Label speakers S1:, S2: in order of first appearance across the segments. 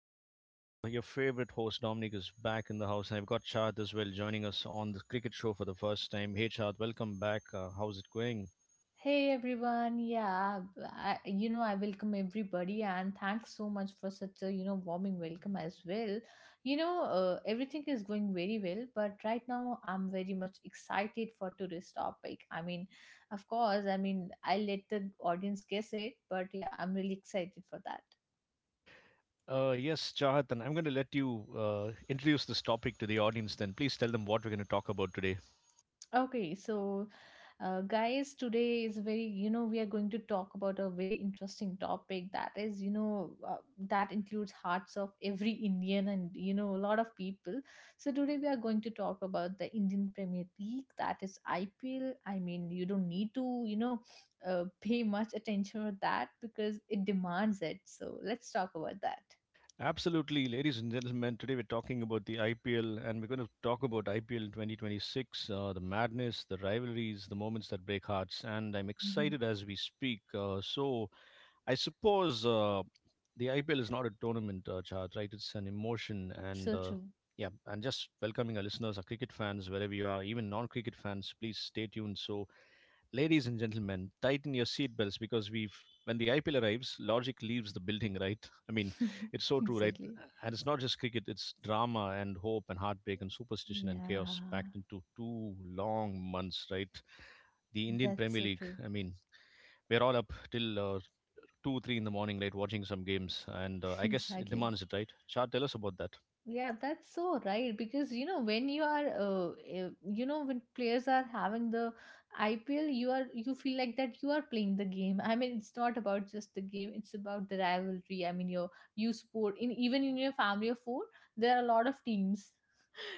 S1: And Your favorite host, Dominic, is back in the house. And I've got Chad as well joining us on the Cricket Show for the first time. Hey, Chad, welcome back. How's it going?
S2: Hey everyone, yeah, I welcome everybody and thanks so much for such a warming welcome as well. Everything is going very well, but right now I'm very much excited for today's topic. I mean, of course, I mean, I'll let the audience guess it, but yeah, I'm really excited for that.
S1: Yes, Chahat, and I'm going to let you introduce this topic to the audience then. Please tell them what we're going to talk about today.
S2: Okay, so guys, today is very, we are going to talk about a very interesting topic that is, that includes hearts of every Indian and, a lot of people. So, today we are going to talk about the Indian Premier League, that is IPL. I mean, you don't need to, pay much attention to that because it demands it. So, let's talk about that.
S1: Absolutely, ladies and gentlemen. Today we're talking about the IPL, and we're going to talk about IPL in 2026, the madness, the rivalries, the moments that break hearts, and I'm
S2: Hmm.
S1: excited as we speak. So I suppose the IPL is not a tournament, Chad, right? It's an emotion, and
S2: So true.
S1: yeah, and just welcoming our listeners, our cricket fans, wherever you are, even non-cricket fans, please stay tuned. Ladies and gentlemen, tighten your seatbelts because we've when the IPL arrives, logic leaves the building, right? I mean, it's so true, right?
S2: Exactly.
S1: And it's not just cricket, it's drama and hope and heartbreak and superstition and chaos
S2: Yeah,
S1: packed into two long months, right? The Indian
S2: that's
S1: Premier
S2: so
S1: League,
S2: true.
S1: I mean, we're all up till 2, 3 in the morning, right, watching some games. And I guess it
S2: Exactly.
S1: demands it, right? Char, tell us about that.
S2: Yeah, that's so right because when you are you know when players are having the IPL, you feel like that you are playing the game. I mean, it's not about just the game, it's about the rivalry. I mean, you support in, even in your family of four, there are a lot of teams,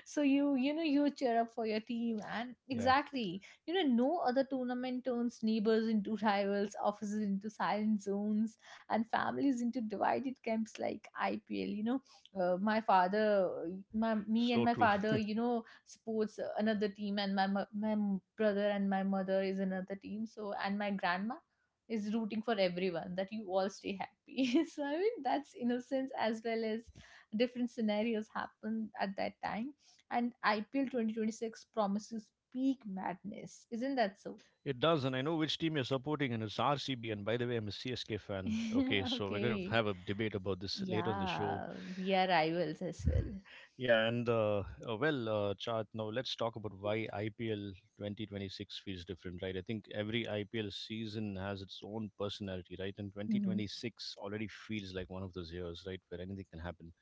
S2: so you cheer up for your team and
S1: Yeah,
S2: exactly. No other tournament turns neighbors into rivals, offices into silent zones, and families into divided camps like IPL. My father, my me and
S1: so
S2: my
S1: true.
S2: father supports another team, and my brother and my mother is another team. So and my grandma is rooting for everyone that you all stay happy. So, I mean, that's innocence as well as different scenarios happen at that time, and IPL 2026 promises peak madness. Isn't that so?
S1: It does, and I know which team you're supporting, and it's RCB. And by the way, I'm a CSK fan. Okay, so we're going to
S2: Okay.
S1: have a debate about this later on the show.
S2: Yeah, we are rivals as well.
S1: Yeah, and uh, Chart, now let's talk about why IPL 2026 feels different, right? I think every IPL season has its own personality, right? And
S2: Mm-hmm.
S1: 2026 already feels like one of those years, right, where anything can happen.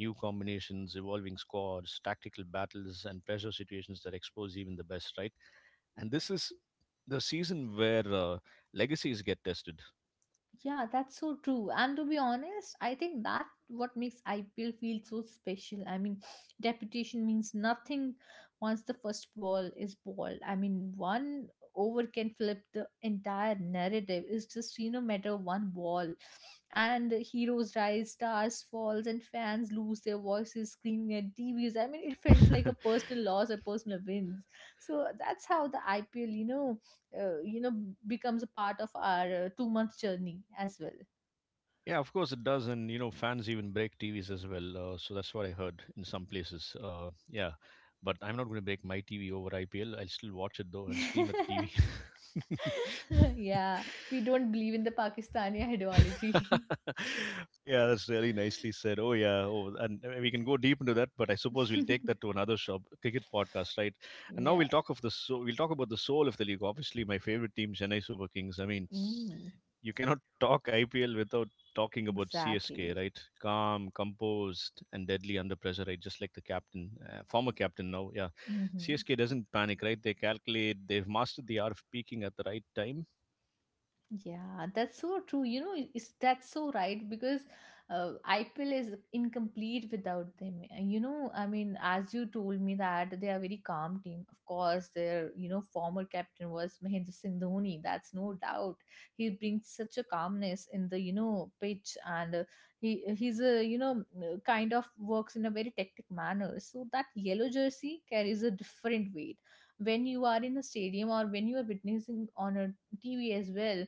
S1: New combinations, evolving squads, tactical battles, and pressure situations that expose even the best, right? And this is the season where legacies get tested.
S2: Yeah, that's so true. And to be honest, I think that what makes IPL feel so special. I mean, reputation means nothing once the first ball is balled. I mean, one over can flip the entire narrative. It's just matter of one ball, and heroes rise, stars falls, and fans lose their voices screaming at TVs. I mean, it felt like a personal loss or personal wins. So that's how the IPLuh, you know becomes a part of our 2 month journey as well.
S1: yeah, of course it does, and you know fans even break TVs as well. So that's what I heard in some places. Yeah, but I'm not going to break my TV over IPL. I'll still watch it though and scream at the TV.
S2: Yeah, we don't believe in the Pakistani ideology.
S1: yeah, that's really nicely said. Oh yeah, oh, and we can go deep into that, but I suppose we'll take that to another shop, cricket podcast, right? And now
S2: Yeah.
S1: we'll talk of the so we'll talk about the soul of the league. Obviously, my favorite team, Chennai Super Kings. I mean,
S2: mm,
S1: you cannot talk IPL without talking about CSK,
S2: exactly.
S1: right? Calm, composed, and deadly under pressure, right? Just like the captain, former captain now, yeah.
S2: Hmm.
S1: CSK doesn't panic, right? They calculate. They've mastered the art of peaking at the right time.
S2: Yeah, that's so true. That's so right because IPL is incomplete without them. And I mean, as you told me that they are very calm team. Of course, their former captain was Mahendra Singh Dhoni. That's no doubt. He brings such a calmness in the pitch, and he's a kind of works in a very tactic manner. So that yellow jersey carries a different weight when you are in a stadium or when you are witnessing on a TV as well.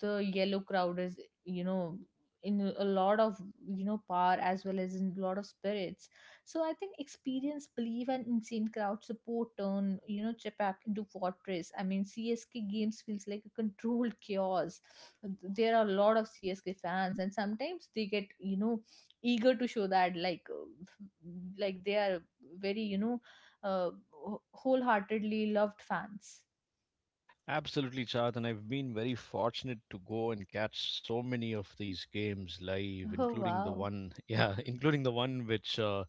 S2: The yellow crowd is you know in a lot of power as well as in a lot of spirits. So I think experience, belief and insane crowd support turn Chepak into fortress. I mean, CSK games feels like a controlled chaos. There are a lot of CSK fans and sometimes they get eager to show that like they are very uh, wholeheartedly loved fans.
S1: Absolutely, Chad, and I've been very fortunate to go and catch so many of these games live,
S2: Oh
S1: including the
S2: wow.
S1: one, yeah, including the one which, uh,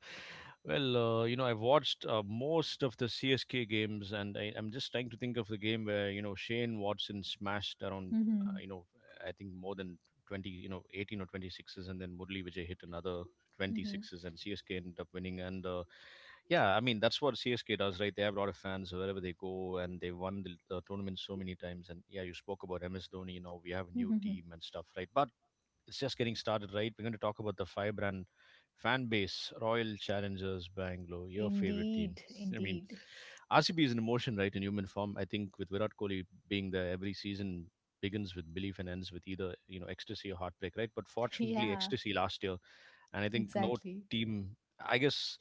S1: well, uh, you know, I've watched most of the CSK games, and I'm just trying to think of the game where you know Shane Watson smashed around,
S2: Hmm.
S1: you know, I think more than 20, you know, 18 or 20 sixes, and then Murli Vijay hit another 20 sixes, and CSK ended up winning, and yeah, I mean that's what CSK does, right? They have a lot of fans wherever they go, and they won the tournament so many times. And yeah, you spoke about MS Dhoni. You know, we have a new
S2: Hmm.
S1: team and stuff, right? But it's just getting started, right? We're going to talk about the five brand fan base, Royal Challengers Bangalore, your favorite team.
S2: Indeed,
S1: I mean,
S2: indeed.
S1: RCB is an emotion, right, in human form. I think with Virat Kohli being there, every season begins with belief and ends with either you know ecstasy or heartbreak, right? But fortunately,
S2: Yeah,
S1: ecstasy last year. And I think
S2: exactly.
S1: team, I guess,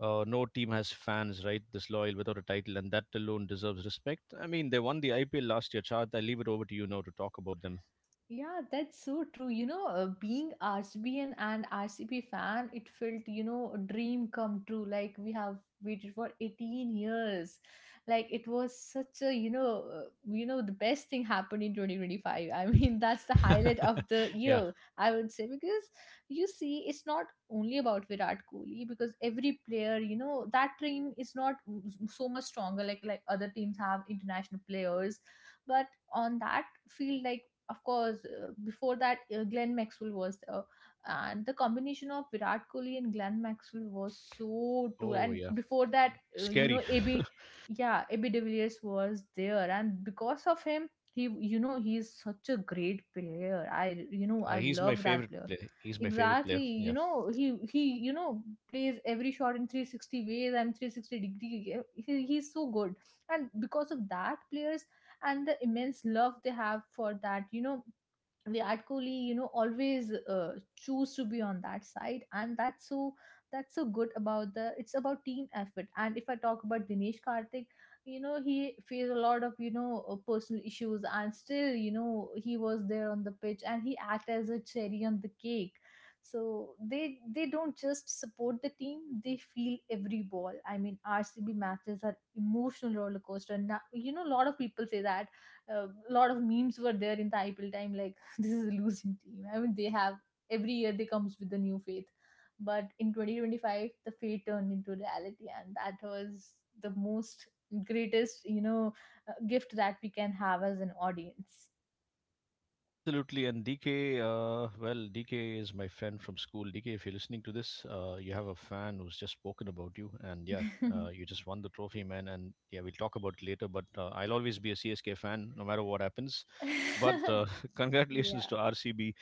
S1: no team has fans right this loyal without a title, and that alone deserves respect. I mean, they won the IPL last year. Chart, I leave it over to you now to talk about them.
S2: Yeah, that's so true. Being RCBN and RCB fan, it felt a dream come true. Like we have waited for 18 years. Like it was such a the best thing happened in 2025. I mean, that's the highlight of the
S1: yeah.
S2: year, I would say, because you see, it's not only about Virat Kohli because every player that team is not so much stronger, like other teams have international players, but on that field, like of course, before that, Glenn Maxwell was there. And the combination of Virat Kohli and Glenn Maxwell was so true.
S1: Oh
S2: And
S1: yeah.
S2: before that,
S1: Scary.
S2: AB, yeah, AB de Villiers was there. And because of him, he is such a great player. I, you know,
S1: Uh,
S2: I
S1: he's my
S2: love that
S1: favorite
S2: player.
S1: player. He's my favorite
S2: Exactly,
S1: player. Yeah.
S2: he plays every shot in 360 ways and 360 degree. He's so good. And because of that, players and the immense love they have for that Virat Kohli, always choose to be on that side, and that's so good about the. It's about team effort, and if I talk about Dinesh Karthik, he faced a lot of personal issues, and still, he was there on the pitch, and he act as a cherry on the cake. So they don't just support the team; they feel every ball. I mean, RCB matches are emotional roller coaster. Now, a lot of people say that a lot of memes were there in the IPL time, like this is a losing team. I mean, they have every year they comes with the new faith, but in 2025 the faith turned into reality, and that was the most greatest gift that we can have as an audience.
S1: Absolutely, and DK, DK is my friend from school. DK, if you're listening to this, you have a fan who's just spoken about you, and yeah, you just won the trophy, man. And yeah, we'll talk about it later, but I'll always be a CSK fan no matter what happens. But congratulations
S2: Yeah,
S1: to RCB.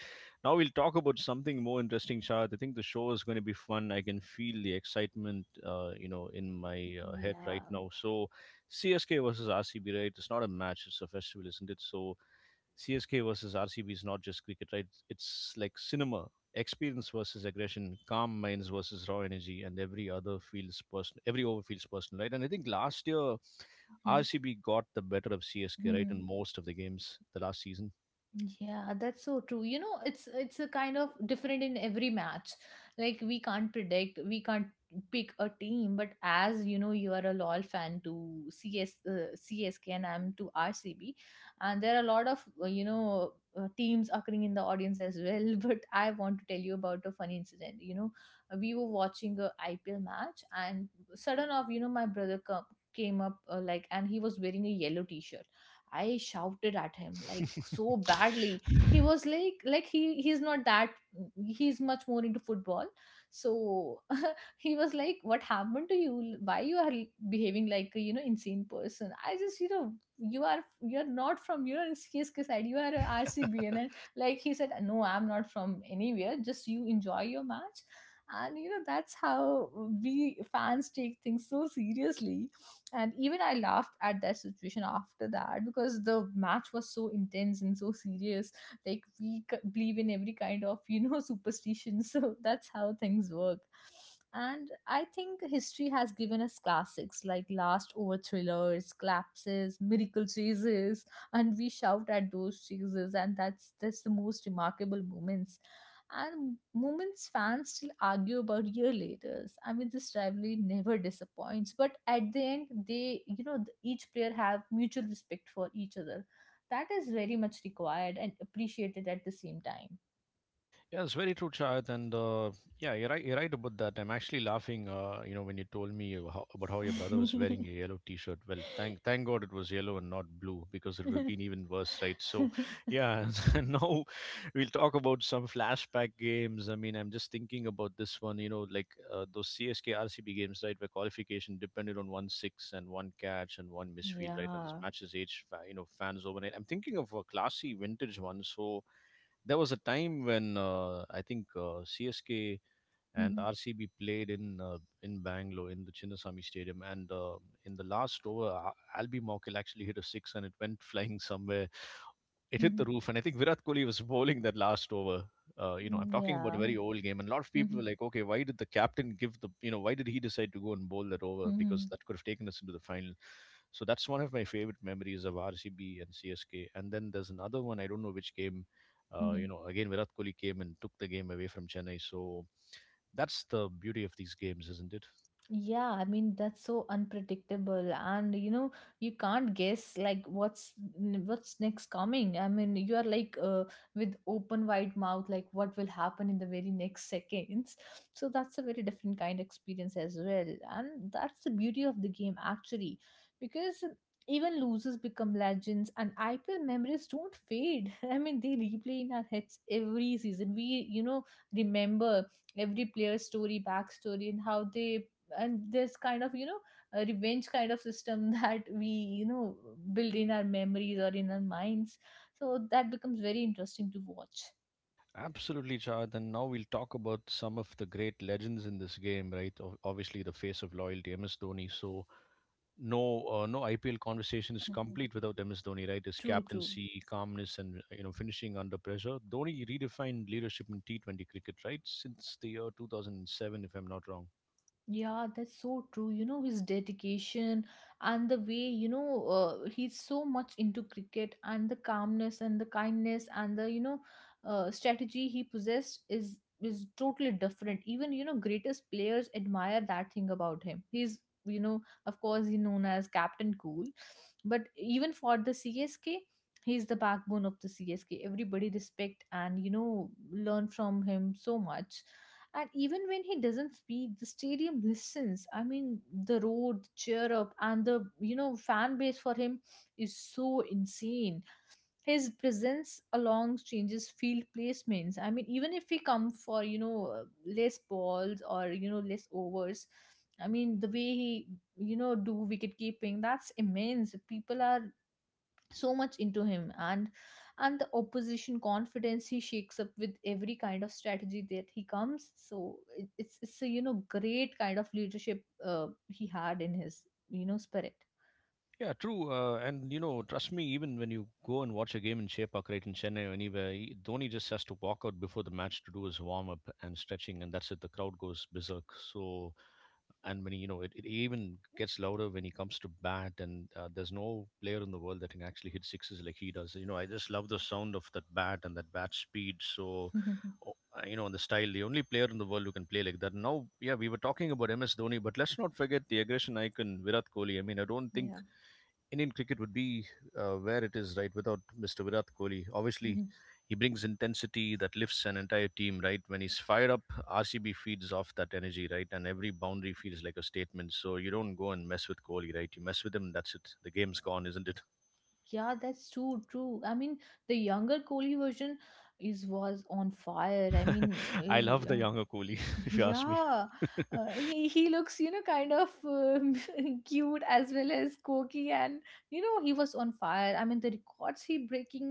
S1: Now we'll talk about something more interesting, Shahad. I think the show is going to be fun. I can feel the excitement, in my head
S2: yeah.
S1: right now. So, CSK versus RCB, right? It's not a match; it's a festival, isn't it? So CSK versus RCB is not just cricket, right? It's like cinema, experience versus aggression, calm minds versus raw energy, and every over feels personal, right? And I think last year
S2: Mhm.
S1: RCB got the better of CSK, right, in
S2: Mhm.
S1: most of the games the last season.
S2: Yeah, that's so true. It's a kind of different in every match. Like we can't predict, we can't pick a team, but as you know, you are a LOL fan to CS CSK and I'm to RCB, and there are a lot of teams occurring in the audience as well. But I want to tell you about a funny incident. We were watching a IPL match, and sudden off, my brother came up like, and he was wearing a yellow T-shirt. I shouted at him like so badly. He was like he's not that. He's much more into football. So he was like what happened to you, why you are behaving like a insane person. I just, you're not from your CSK side, you are a RCBN. And then, like he said no, I'm not from anywhere, just you enjoy your match. And that's how we fans take things so seriously. And even I laughed at that situation after that because the match was so intense and so serious. Like we believe in every kind of superstition. So that's how things work. And I think history has given us classics like last over thrillers, collapses, miracle chases, and we shout at those chases, and that's the most remarkable moments. And moments fans still argue about year later. I mean, this rivalry never disappoints. But at the end, they you know the- each player have mutual respect for each other. That is very much required and appreciated at the same time.
S1: Yeah, it's very true, Chad. You're right. You're right about that. I'm actually laughing. You know, when you told me you- how, About how your brother was wearing a yellow T-shirt. Well, thank God it was yellow and not blue because it would have been even worse, right? So, yeah. And now we'll talk about some flashback games. I mean, I'm just thinking about this one. Those CSK RCB games, right, where qualification depended on 1 six and one catch and one misfield, right? And this
S2: Yeah.
S1: matches age, fa- you know, fans overnight. I'm thinking of a classy vintage one. So, there was a time when I think CSK and
S2: Mhm.
S1: RCB played in Bangalore in the Chinnaswamy Stadium, and in the last over, Albi Morkel actually hit a six, and it went flying somewhere. It hit the
S2: Mhm.
S1: roof. And I think Virat Kohli was bowling that last over. You know, I'm talking about a
S2: Yeah.
S1: very old game, and a lot of people were
S2: Mhm.
S1: like, okay, why did the captain give the, you know, why did he decide to go and bowl that over? Because
S2: Mhm.
S1: that could have taken us into the final. So that's one of my favorite memories of RCB and CSK. And then there's another one, I don't know which game, you
S2: Mhm.
S1: know, again, Virat Kohli came and took the game away from Chennai. So that's the beauty of these games, isn't it?
S2: Yeah, I mean that's so unpredictable and you can't guess like what's next coming. I mean you are like with open wide mouth like what will happen in the very next seconds. So that's a very different kind of experience as well, and that's the beauty of the game actually because even losers become legends and IPL memories don't fade. I mean they replay in our heads every season. We remember every player's story, backstory, and how they, and this kind of a revenge kind of system, that we you know build in our memories or in our minds, so that becomes very interesting to watch.
S1: Absolutely, Chad. And now we'll talk about some of the great legends in this game, right? Obviously, the face of loyalty, MS Dhoni. So no IPL conversation is
S2: Mhm.
S1: complete without MS Dhoni, right? His
S2: True, true.
S1: captaincy, calmness, and you know finishing under pressure. Dhoni redefined leadership in T20 cricket, right? Since the year 2007, if I'm not wrong.
S2: Yeah, that's so true. His dedication and the way, he's so much into cricket and the calmness and the kindness and the, strategy he possessed is totally different. Even, greatest players admire that thing about him. He's, you know, of course, he's known as Captain Cool, but even for the CSK, he's the backbone of the CSK. Everybody respect and, learn from him so much. And even when he doesn't speak, the stadium listens. I mean, the road, the cheer up, and the fan base for him is so insane. His presence along changes field placements. I mean, even if we come for less balls or less overs, I mean the way he do wicket keeping, that's immense. People are so much into him, and the opposition confidence he shakes up with every kind of strategy that he comes. So it's a great kind of leadership he had in his spirit.
S1: Yeah, true. And you know, trust me, even when you go and watch a game in Chepauk, right in Chennai or anywhere, Dhoni just has to walk out before the match to do his warm up and stretching, and that's it. The crowd goes berserk. So, and when he, you know, it even gets louder when he comes to bat, and there's no player in the world that can actually hit sixes like he does. You know, I just love the sound of that bat and that bat speed. You know, and the style, the only player in the world who can play like that. Now, yeah, we were talking about MS Dhoni, but let's not forget the aggression icon Virat Kohli. I mean, I don't
S2: Yeah.
S1: think Indian cricket would be where it is, right, without Mr. Virat Kohli. Obviously,
S2: Mhm.
S1: he brings intensity that lifts an entire team, right? When he's fired up, RCB feeds off that energy, right? And every boundary feels like a statement. So you don't go and mess with Kohli, right? You mess with him, that's it. The game's gone, isn't it?
S2: Yeah, that's true, true. I mean, the younger Kohli version is was on fire. I mean,
S1: I love
S2: eh,
S1: the younger Kohli, if you ask me.
S2: yeah, he looks, you know, kind of cute as well as quirky. And you know, he was on fire. I mean, the records he breaking,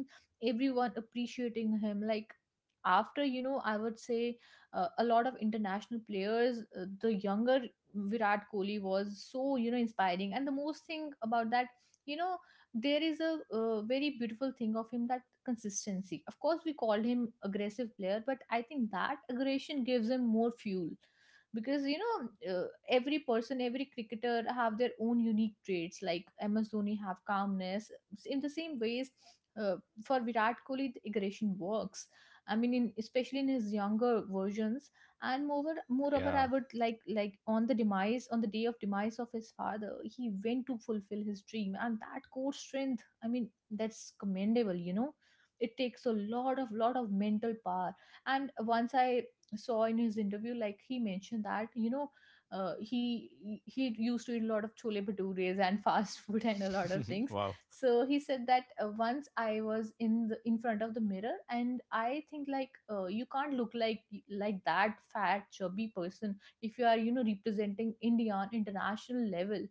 S2: everyone appreciating him. Like after, you know, I would say a lot of international players, the younger Virat Kohli was so, you know, inspiring. And the most thing about that, you know, there is a very beautiful thing of him, that consistency. Of course, we called him aggressive player, but I think that aggression gives him more fuel. Because you know, every person, every cricketer have their own unique traits. Like MS Dhoni have calmness, in the same ways uh, for Virat Kohli the aggression works. I mean in, especially in his younger versions. And moreover I
S1: Yeah.
S2: would like on the demise, on the day of demise of his father, he went to fulfill his dream, and that core strength, I mean that's commendable, you know. It takes a lot of, lot of mental power. And once I saw in his interview, like he mentioned that you know, he used to eat a lot of chole bhatures and fast food and a lot of things.
S1: wow.
S2: So he said that once I was in the, in front of the mirror, and I think like you can't look like that fat chubby person if you are, you know, representing India on international level.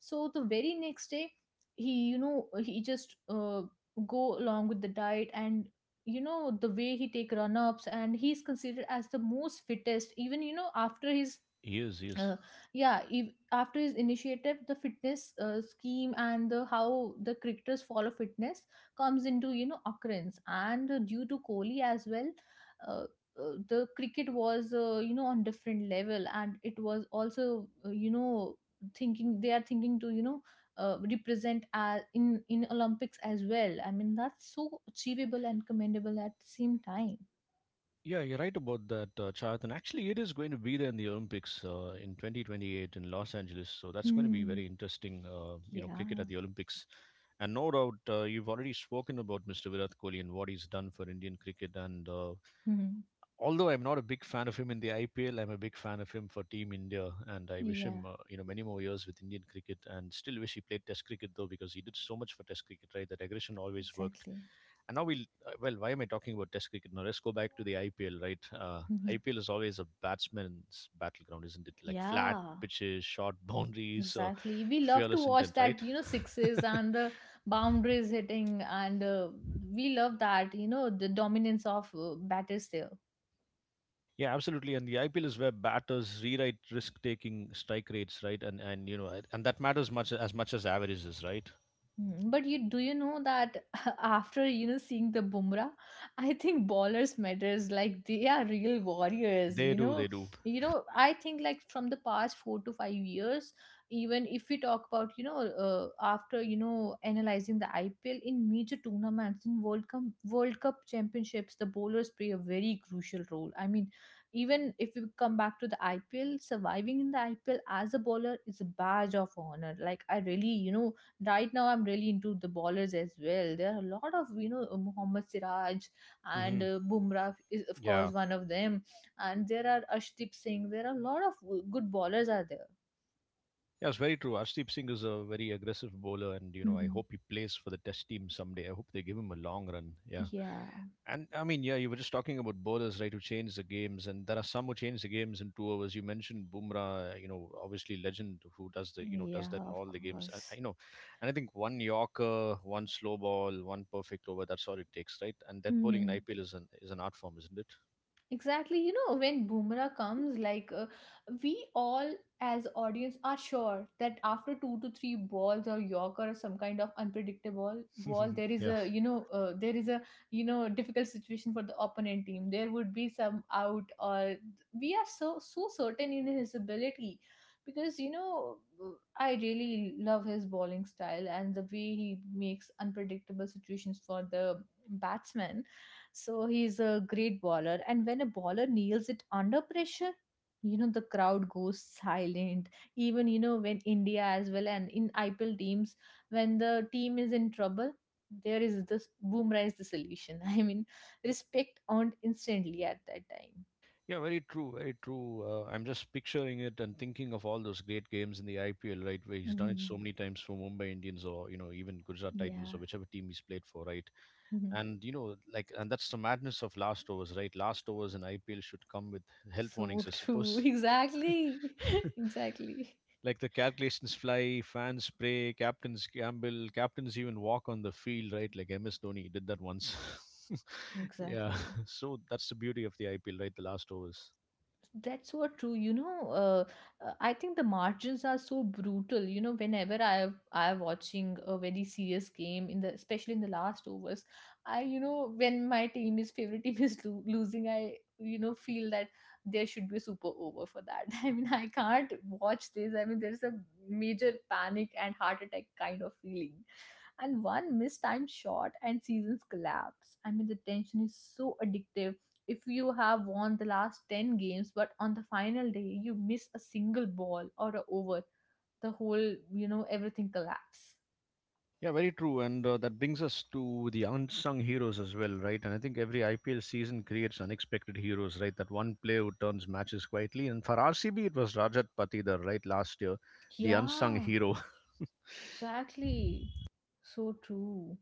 S2: So the very next day, he, you know, he just go along with the diet. And you know, the way he take run ups, and he's considered as the most fittest, even you know after his
S1: He is, he is.
S2: uh, yeah, after his initiative, the fitness scheme, and the how the cricketers follow fitness comes into, you know, occurrence, and due to Kohli as well. uh, the cricket was you know, on different level, and it was also you know, thinking they are thinking to, you know, represent as in Olympics as well. I mean that's so achievable and commendable at the same time.
S1: Yeah, you're right about that, Chad. And actually, it is going to be there in the Olympics in 2028 in Los Angeles. So that's going to be
S2: Hmm.
S1: very interesting,
S2: Yeah.
S1: cricket at the Olympics. And no doubt, you've already spoken about Mr. Virat Kohli and what he's done for Indian cricket. And
S2: Hmm.
S1: although I'm not a big fan of him in the IPL, I'm a big fan of him for Team India, and I wish
S2: Yeah,
S1: him many more years with Indian cricket. And still wish he played Test cricket though, because he did so much for Test cricket. Right, that aggression always worked.
S2: exactly.
S1: And now we'll well, why am I talking about Test cricket now? Let's go back to the IPL. Right, IPL is always a batsman's battleground, isn't it? Like flat
S2: Yeah,
S1: pitches, short boundaries,
S2: exactly. We love to
S1: fearless
S2: watch
S1: intent.
S2: that,
S1: Right.
S2: you know, sixes and the boundaries hitting, and we love that, you know, the dominance of batters there.
S1: Yeah, absolutely. And the IPL is where batters rewrite risk-taking strike rates, right? And you know, and that matters much as averages, right?
S2: Mm, but you do, you know that after you know seeing the Bumrah, I think ballers matters, like they are real warriors.
S1: They
S2: You
S1: do,
S2: know,
S1: they do.
S2: you know. I think like from the past 4 to 5 years, even if we talk about, you know, uh, after you know analyzing the IPL in major tournaments in World Cup championships, the bowlers play a very crucial role. I mean, even if we come back to the IPL, surviving in the IPL as a bowler is a badge of honor. Like I really, you know, right now I'm really into the ballers as well. There are a lot of, you know, Mohammad Siraj and
S1: Hmm.
S2: Bumrah is of course
S1: Yeah,
S2: one of them. And there are Ashdeep Singh, there are a lot of good ballers are there.
S1: yeah, it's very true. Arshdeep Singh is a very aggressive bowler, and you know, I hope he plays for the Test team someday. I hope they give him a long run. Yeah.
S2: Yeah.
S1: And I mean, yeah, you were just talking about bowlers, right, who change the games, and there are some who change the games in two overs. You mentioned Bumrah, you know, obviously legend who does the, you know, does that
S2: Yeah,
S1: in
S2: of
S1: all the games. I,
S2: course.
S1: I know, and I think one Yorker, one slow ball, one perfect over. That's all it takes, right? And that bowling in IPL is an art form, isn't
S2: Exactly, you know, when Boomerang comes, like we all as audience are sure that after two to three balls or Yorker or some kind of unpredictable ball,
S1: it?
S2: there is
S1: Yeah.
S2: a you know there is a you know difficult situation for the opponent team. There would be some out, or we are so certain in his ability, because you know I really love his bowling style and the way he makes unpredictable situations for the batsman. So he's a great bowler. And when a bowler nails it under pressure, you know, the crowd goes silent. Even, you know, when India as well, and in IPL teams, when the team is in trouble, there is this, Bumrah is the solution. I mean, respect earned instantly at that time.
S1: Yeah, very true, very true. I'm just picturing it and thinking of all those great games in the IPL, right, where he's done it so
S2: Mhm.
S1: many times for Mumbai Indians or you know even Gujarat Titans or
S2: Yeah.
S1: whichever team he's played for, right?
S2: Mhm.
S1: And like, and that's the madness of last overs, right? Last overs in IPL should come with health warnings,
S2: So
S1: I
S2: true.
S1: suppose.
S2: Exactly. Exactly.
S1: Like the calculations fly, fans pray, captains gamble, captains even walk on the field, right? Like MS Dhoni did that once. Yeah.
S2: Exactly.
S1: So that's the beauty of the IPL, right? The last overs.
S2: That's so true. You know, I think the margins are so brutal. You know, whenever I have, I am watching a very serious game in the, especially in the last overs, I you know when my team is favorite team is losing, I you know feel that there should be a super over for that. I mean, I can't watch this. I mean, there's a major panic and heart attack kind of feeling, and one mistimed shot and seasons collapse. I mean, the tension is so addictive. If you have won the last 10 games, but on the final day you miss a single ball or a over, the whole, you know, everything collapse.
S1: Yeah, very true. And that brings us to the unsung heroes as well, right? And I think every IPL season creates unexpected heroes, right? That one player who turns matches quietly. And for RCB, it was Rajat Patidar, right? Last year, the unsung
S2: Yeah.
S1: hero.
S2: Exactly. So true.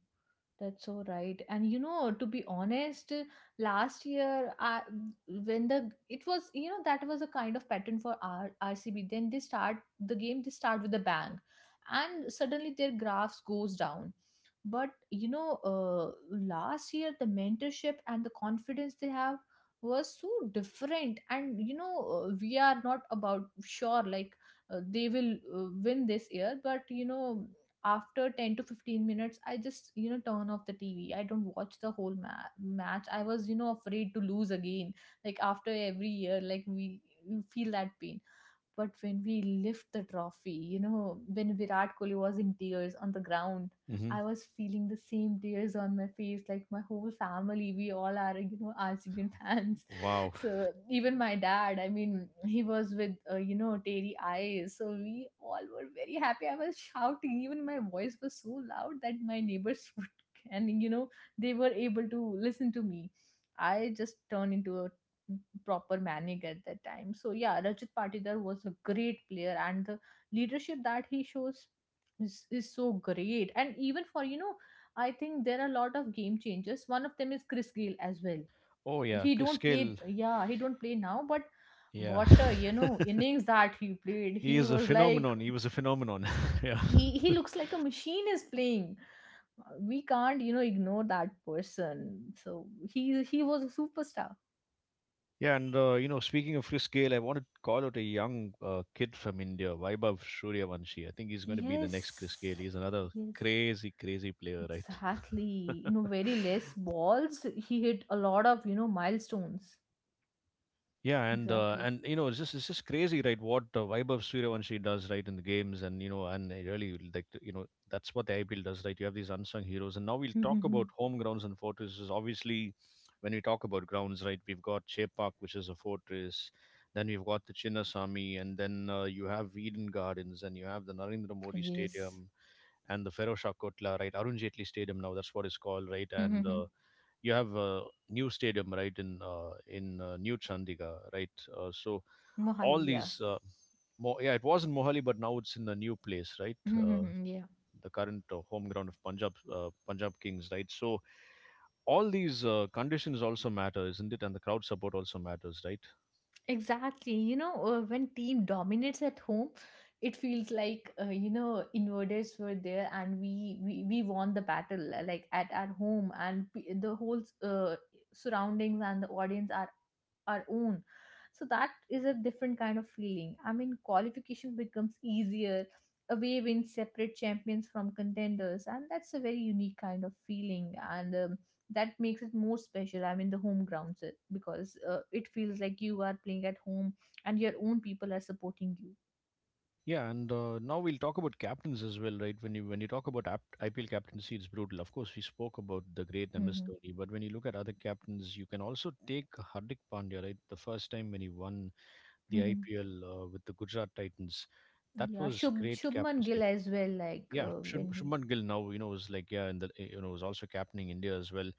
S2: That's so right. And you know, to be honest, last year, I, when the, it was, you know, that was a kind of pattern for RCB. Then they start the game. They start with a bang, and suddenly their graphs goes down. But you know, last year the mentorship and the confidence they have was so different. And you know, we are not about sure like they will win this year. But you know, after 10 to 15 minutes, I just you know turn off the TV, I don't watch the whole match. I was you know afraid to lose again. Like after every year, like we feel that pain. But when we lift the trophy, you know, when Virat Kohli was in tears on the ground,
S1: Hmm.
S2: I was feeling the same tears on my face. Like my whole family, we all are, you know, RCB fans.
S1: Wow.
S2: So even my dad, I mean, he was with, you know, teary eyes. So we all were very happy. I was shouting. Even my voice was so loud that my neighbors would, and, you know, they were able to listen to me. I just turned into a proper manic at that time. So yeah, Rajat Patidar was a great player, and the leadership that he shows is so great. And even for you know, I think there are a lot of game changers. One of them is Chris Gayle as well.
S1: Oh yeah,
S2: He don't
S1: Skill.
S2: play, yeah, he don't play now, but
S1: Yeah.
S2: what a you know innings that he played.
S1: He
S2: He
S1: is a
S2: was like,
S1: phenomenon. He was a phenomenon. Yeah.
S2: he looks like a machine is playing. We can't you know ignore that person. So he was a superstar.
S1: Yeah, and speaking of Chris Gale, I want to call out a young kid from India, Vaibhav Suryavanshi. I think he's going to be the next Chris
S2: Yes.
S1: Gale. He's another
S2: Yes.
S1: crazy, crazy player, right?
S2: Exactly. You know, very less balls, he hit a lot of, you know, milestones.
S1: Yeah, and uh,
S2: Exactly.
S1: and it's just crazy, right? What Vaibhav Suryavanshi does, right, in the games, and and I really would like to, that's what the IPL does, right? You have these unsung heroes, and now we'll talk about home grounds and fortresses. Obviously, when we talk about grounds, right, we've got Chepak, which is a fortress, then we've got the Chinnasamy, and then you have Eden Gardens, and you have the Narendra Modi
S2: Yes.
S1: Stadium and the Feroz Shah Kotla, right? Arun Jaitley Stadium now, that's what it's called, right? And you have a new stadium right in New Chandigarh, right? So
S2: Mohali,
S1: all
S2: yeah.
S1: these, yeah, it was in Mohali, but now it's in a new place, right? Uh,
S2: Yeah.
S1: the current home ground of Punjab Kings, right? So all these conditions also matter, isn't it? And the crowd support also matters, right?
S2: Exactly. You know, when team dominates at home, it feels like you know invaders were there, and we, we won the battle like at home, and the whole surroundings and the audience are our own. So that is a different kind of feeling. I mean qualification becomes easier. Away wins separate champions from contenders, and that's a very unique kind of feeling. And that makes it more special. I mean the home grounds it, because it feels like you are playing at home and your own people are supporting you.
S1: Yeah, and now we'll talk about captains as well, right? When you talk about IPL captaincy, it's brutal. Of course, we spoke about the great MS
S2: Hmm.
S1: Dhoni, but when you look at other captains, you can also take Hardik Pandya, right? The first time when he won the
S2: Hmm.
S1: IPL with the Gujarat Titans. That
S2: Yeah,
S1: was great
S2: Shubman Gill
S1: captaincy.
S2: as well, like
S1: Yeah,
S2: when he.
S1: Shubman Gill now, was like, yeah. And the eh, you know was also captaining India as well.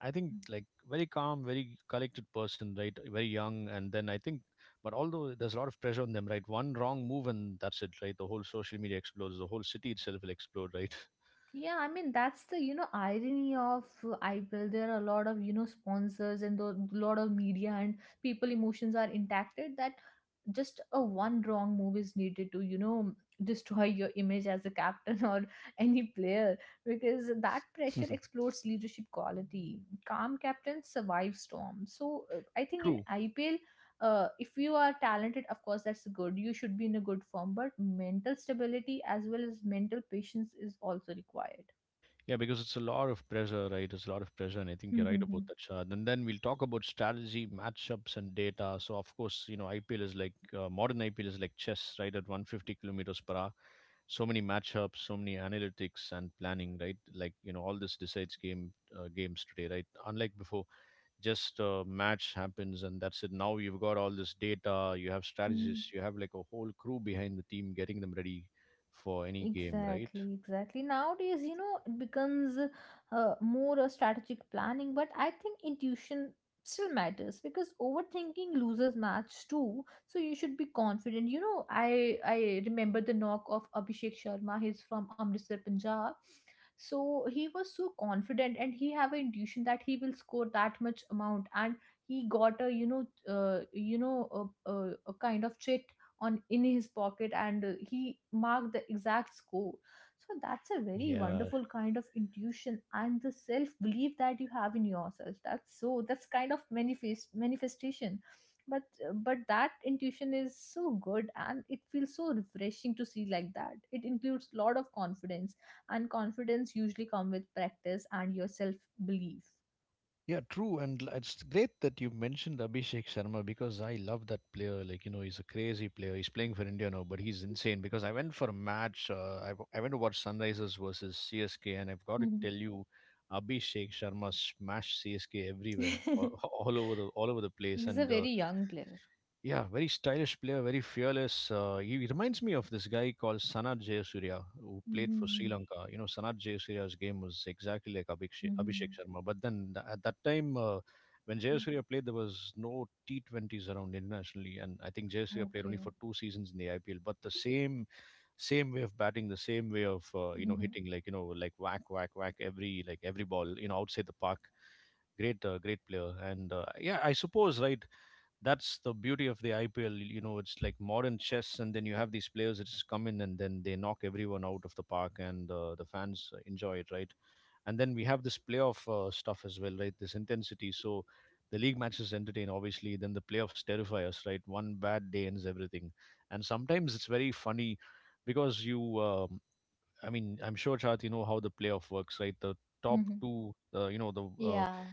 S1: I think like very calm, very collected person, right? Very young, and then I think, but although there's a lot of pressure on them, right? One wrong move and that's it, right? The whole social media explodes, the whole city itself will explode, right?
S2: Yeah, I mean that's the you know irony of IPL. There are a lot of you know sponsors and a lot of media, and people emotions are impacted, that just a one wrong move is needed to you know destroy your image as a captain or any player, because that pressure explodes leadership quality. Calm captains survive storm. So I think in
S1: True.
S2: IPL if you are talented of course that's good, you should be in a good form, but mental stability as well as mental patience is also required.
S1: Yeah, because it's a lot of pressure, right? It's a lot of pressure, and I think you're right about that, Shad. And then we'll talk about strategy, matchups, and data. So, of course, IPL is like modern IPL is like chess, right? At 150 kilometers per hour, so many matchups, so many analytics and planning, right? Like, all this decides games today, right? Unlike before, just a match happens and that's it. Now you've got all this data, you have strategists, you have like a whole crew behind the team getting them ready for any game, right?
S2: Exactly, exactly. Nowadays, you know, it becomes more a strategic planning, but I think intuition still matters, because overthinking loses match too. So you should be confident. You know, I remember the knock of Abhishek Sharma. He's from Amritsar, Punjab. So he was so confident, and he have an intuition that he will score that much amount, and he got a you know a kind of trade on in his pocket, and he marked the exact score. So that's a very
S1: Yeah,
S2: wonderful kind of intuition and the self belief that you have in yourself. That's so, that's kind of manifestation. But but that intuition is so good, and it feels so refreshing to see like that, it includes lot of confidence. And confidence usually come with practice and your self belief.
S1: yeah, true. And it's great that you mentioned Abhishek Sharma because I love that player. Like, he's a crazy player. He's playing for India now, but he's insane because I went for a match. I went to watch Sunrisers versus CSK, and I've got to tell you, Abhishek Sharma smashed CSK everywhere, all, all over the place.
S2: He's a
S1: And
S2: very young player.
S1: yeah, very stylish player, very fearless. He reminds me of this guy called Sanat Jayasurya, who played for Sri
S2: Mhm.
S1: Lanka. You know, Sanat Jayasurya's game was exactly like Abhishek
S2: Mhm.
S1: Sharma. But then at that time, when Jayasurya played, there was no T20s around internationally, and I think Jayasurya played only
S2: Okay.
S1: for two seasons in the IPL. But the same way of batting, the same way of
S2: Mhm.
S1: hitting, like whack, whack, whack every ball, outside the park. Great player, and yeah, I suppose, right, that's the beauty of the IPL. It's like modern chess, and then you have these players that just come in and then they knock everyone out of the park, and the fans enjoy it, right? And then we have this playoff stuff as well, right? This intensity. So the league matches entertain, obviously. Then the playoffs terrify us, right? One bad day ends everything, and sometimes it's very funny because you. I mean, I'm sure, Chad, you know how the playoff works, right? The top
S2: Mhm.
S1: two, you know, the
S2: Yeah,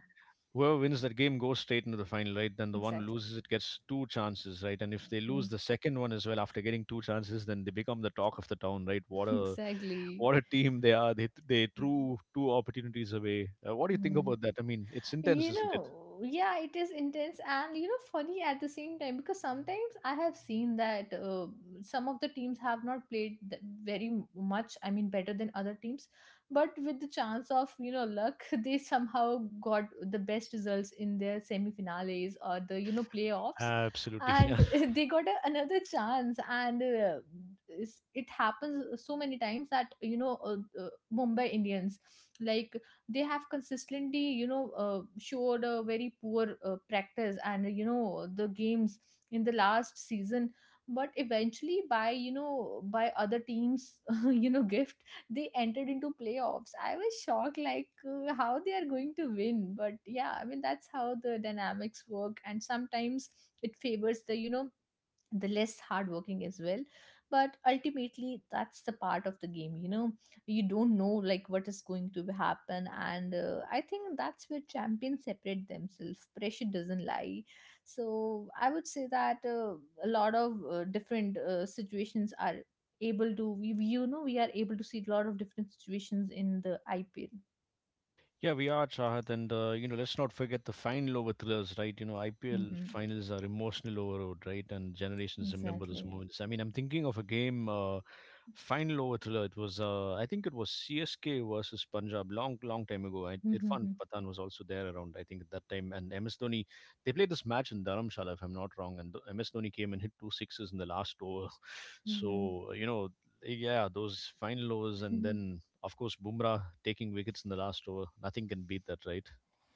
S1: whoever wins that game goes straight into the final, right? Then the one who
S2: exactly.
S1: loses it gets two chances, right? And if they
S2: Mm.
S1: lose the second one as well after getting two chances, then they become the talk of the town, right? What a
S2: Exactly.
S1: what a team they are! They
S2: Mhm.
S1: threw two opportunities away. What do you think
S2: Mm.
S1: about that? I mean, it's intense,
S2: you
S1: isn't it?
S2: know yeah, it is intense and funny at the same time, because sometimes I have seen that some of the teams have not played very much, I mean, better than other teams, but with the chance of luck they somehow got the best results in their semi-finales or the playoffs,
S1: Absolutely, yeah.
S2: and they got another chance. And it happens so many times that Mumbai Indians, like they have consistently showed a very poor practice and the games in the last season. But eventually by other teams gift, they entered into playoffs. I was shocked like how they are going to win, but yeah, I mean that's how the dynamics work, and sometimes it favors the the less hardworking as well. But ultimately that's the part of the game. You don't know like what is going to happen, and I think that's where champions separate themselves. Pressure doesn't lie. So I would say that a lot of different situations are able to we- you know we are able to see a lot of different situations in the ipl.
S1: Yeah, we are Chahat, and let's not forget the final over thrillers, right? IPL
S2: Mm-hmm.
S1: finals are emotional overload, right? And generations remember those
S2: Exactly.
S1: moments. I mean, I'm thinking of a game. Final over thriller. It was, I think it was CSK versus Punjab long, long time ago. Irfan
S2: Mm-hmm.
S1: Pathan was also there around, I think, at that time. And MS Dhoni, they played this match in Dharamshala, if I'm not wrong. And MS Dhoni came and hit two sixes in the last over. So, yeah, those final overs. And then, of course, Bumrah taking wickets in the last over. Nothing can beat that, right?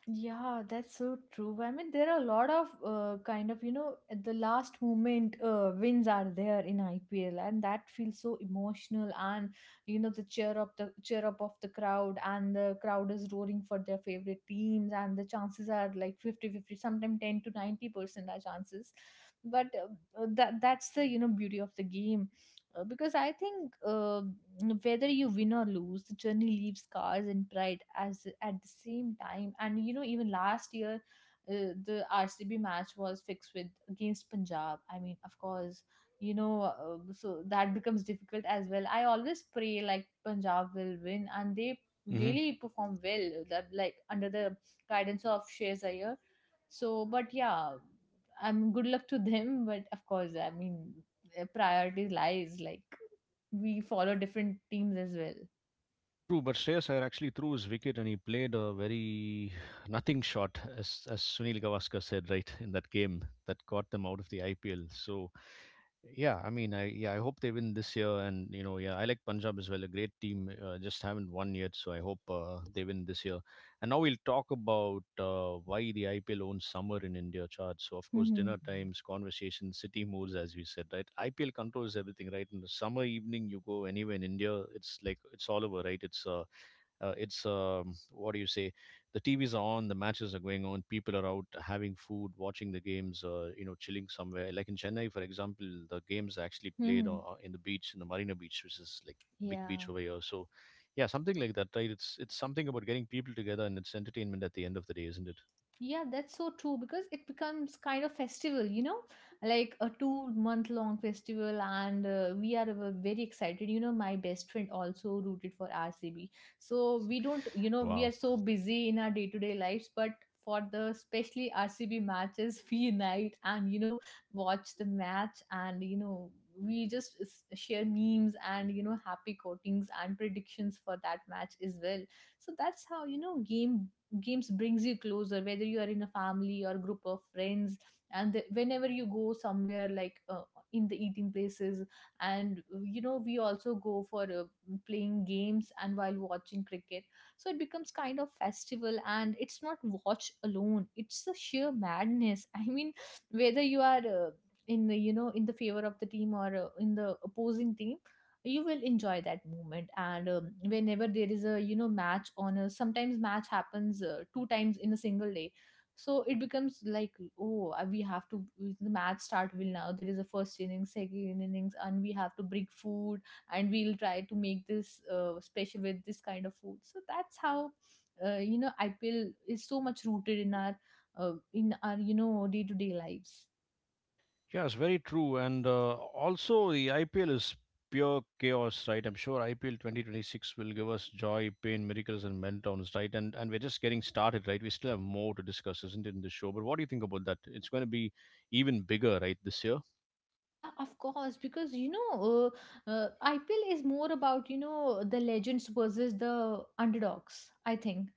S2: Yeah, that's so true. I mean, there are a lot of kind of, at the last moment wins are there in IPL, and that feels so emotional. And the cheer up of the crowd, and the crowd is roaring for their favorite teams, and the chances are like fifty fifty. Sometimes 10 to 90% are chances. But that's the, beauty of the game. Because I think whether you win or lose, the journey leaves scars and pride as at the same time. And even last year, the RCB match was fixed with against Punjab. I mean, of course, so that becomes difficult as well. I always pray like Punjab will win, and they really perform well, like under the guidance of Shreyas Iyer. So, but yeah, I'm good luck to them. But of course, I mean, priority lies. Like we follow different teams as well.
S1: True, but Shreyas Iyer actually threw his wicket and he played a very nothing shot, as Sunil Gavaskar said, right, in that game that got them out of the IPL. So, yeah, I mean, I hope they win this year. And, yeah, I like Punjab as well, a great team, just haven't won yet. So, I hope they win this year. And now we'll talk about why the IPL owns summer in India charts. So, of course, dinner
S2: Mm-hmm.
S1: times, conversations, city moods, as we said, right? IPL controls everything, right? In the summer evening, you go anywhere in India, it's all over, right? It's what do you say? The TVs are on, the matches are going on, people are out having food, watching the games, chilling somewhere, like in Chennai, for example. The games are actually played
S2: Mm-hmm.
S1: in the beach, in the Marina Beach, which is like big
S2: Yeah.
S1: beach over here. So yeah, something like that, right? It's something about getting people together, and it's entertainment at the end of the day, isn't it?
S2: Yeah, that's so true because it becomes kind of festival, like a 2 month long festival, and we are very excited. My best friend also rooted for RCB, so we don't, we
S1: Wow.
S2: are so busy in our day to day lives, but for the especially RCB matches, we unite and watch the match, and we just share memes and happy quotings and predictions for that match as well. So that's how games brings you closer, whether you are in a family or group of friends, and the, whenever you go somewhere like in the eating places, and we also go for playing games and while watching cricket. So it becomes kind of festival, and it's not watch alone, it's a sheer madness. I mean, whether you are in the in the favor of the team or in the opposing team, you will enjoy that moment. And whenever there is a match on, a sometimes match happens two times in a single day, so it becomes like, oh, we have to, the match start will now, there is a first innings second innings, and we have to bring food, and we'll try to make this special with this kind of food. So that's how IPL is so much rooted in our day to day lives.
S1: Yes, very true. And also, the IPL is pure chaos, right? I'm sure IPL 2026 will give us joy, pain, miracles, and meltdowns, right? And we're just getting started, right? We still have more to discuss, isn't it, in the show? But what do you think about that? It's going to be even bigger, right, this year?
S2: Yeah, of course, because IPL is more about the legends versus the underdogs, I think.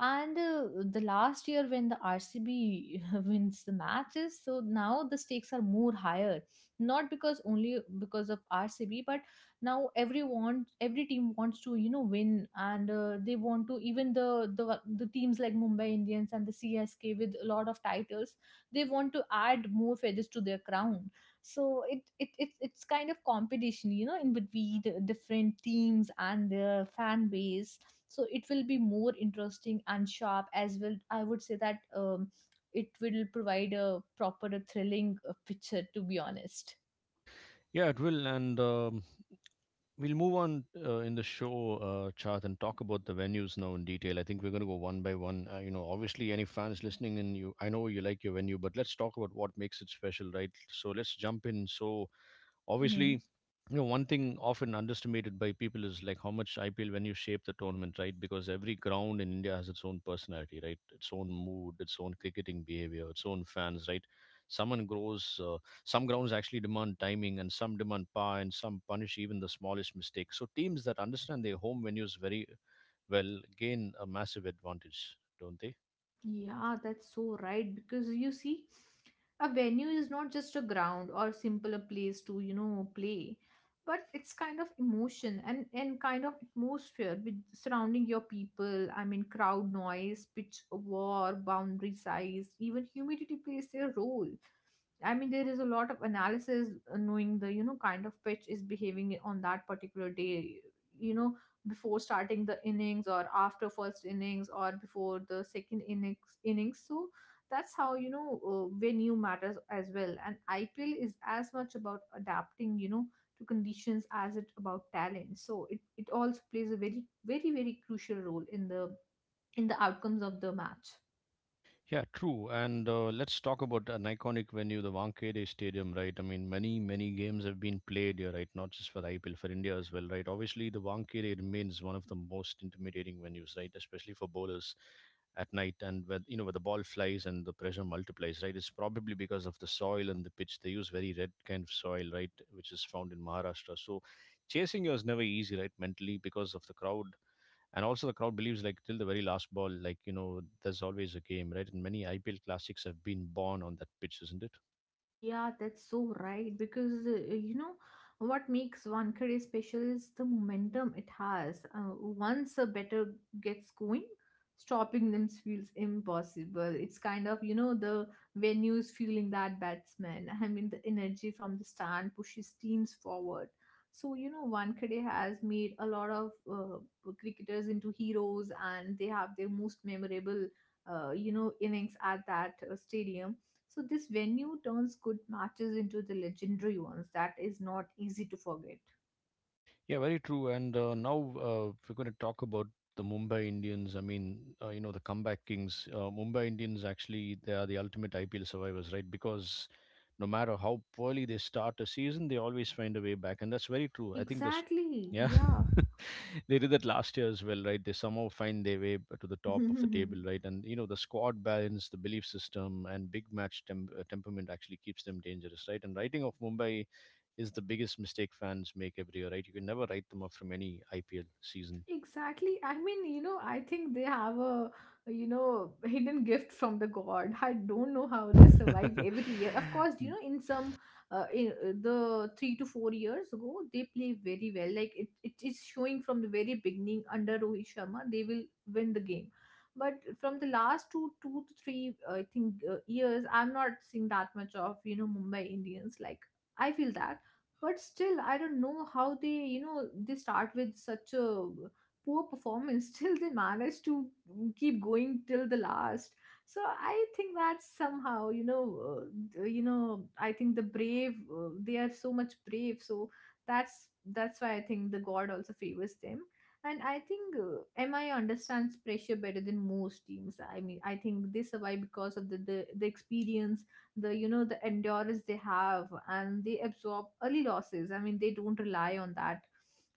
S2: And the last year when the RCB wins the matches, so now the stakes are more higher, not because only because of RCB, but now everyone, every team wants to win, and they want to even the teams like Mumbai Indians and the CSK with a lot of titles, they want to add more feathers to their crown. So it's kind of competition in between the different teams and their fan base. So it will be more interesting and sharp as well. I would say that it will provide a proper a thrilling picture, to be honest.
S1: Yeah, it will. And We'll move on in the show chart and talk about the venues now in detail. I think we're going to go one by one. You know, obviously, any fans listening, and you, I know you like your venue, but let's talk about what makes it special, right? So let's jump in. So obviously,
S2: Hmm.
S1: you know, one thing often underestimated by people is like how much IPL when you shape the tournament, right? Because every ground in India has its own personality, right? Its own mood, its own cricketing behavior, its own fans, right? Someone grows some grounds actually demand timing, and some demand power, and some punish even the smallest mistake. So teams that understand their home venues very well gain a massive advantage, don't they?
S2: Yeah, that's so right. Because you see, a venue is not just a ground or simple a place to, play, but it's kind of emotion and kind of atmosphere with surrounding your people. I mean, crowd noise, pitch war, boundary size, even humidity plays their role. I mean, there is a lot of analysis knowing the, kind of pitch is behaving on that particular day. You know, before starting the innings or after first innings or before the second innings. So that's how venue matters as well. And IPL is as much about adapting to conditions as it about talent. So it also plays a very very very crucial role in the outcomes of the match.
S1: Yeah, true. And let's talk about an iconic venue, the Wankhede Stadium, right? I mean, many, many games have been played here, right? Not just for IPL, for India as well, right? Obviously, the Wankhede remains one of the most intimidating venues, right? Especially for bowlers at night, and where, you know, where the ball flies and the pressure multiplies, right? It's probably because of the soil and the pitch. They use very red kind of soil, right? Which is found in Maharashtra. So chasing here is never easy, right? Mentally, because of the crowd. And also the crowd believes like till the very last ball, like you know, there's always a game, right? And many IPL classics have been born on that pitch, isn't it?
S2: Yeah, that's so right. Because what makes Wankhede special is the momentum it has. Once a better gets going, stopping them feels impossible. It's kind of the venues feeling that batsman. I mean, the energy from the stand pushes teams forward. So Wankhede has made a lot of cricketers into heroes, and they have their most memorable innings at that stadium. So this venue turns good matches into the legendary ones, that is not easy to forget.
S1: Yeah, very true. And now we're going to talk about the Mumbai Indians. I mean, you know, the comeback kings, Mumbai Indians, actually they are the ultimate IPL survivors, right? Because no matter how poorly they start a season, they always find a way back, and that's very true, I think this
S2: Exactly.
S1: yeah
S2: Yeah.
S1: They did that last year as well, right? They somehow find their way to the top of the table, right? And you know, the squad balance, the belief system, and big match temperament actually keeps them dangerous, right? And writing off Mumbai is the biggest mistake fans make every year, right? You can never write them off from any IPL season.
S2: Exactly. I mean, I think they have a, hidden gift from the god. I don't know how they survive every year. Of course, in some, the 3 to 4 years ago, they play very well. Like it is showing from the very beginning under Rohit Sharma, they will win the game. But from the last two to three, I think, years, I'm not seeing that much of, Mumbai Indians. Like I feel that. But still, I don't know how they, they start with such a poor performance. Still they managed to keep going till the last, so I think that somehow I think the brave, they are so much brave. So that's that's why I think the god also favors them. And I think MI understands pressure better than most teams. I mean, I think they survive because of the experience, the you know the endurance they have, and they absorb early losses. I mean, they don't rely on that,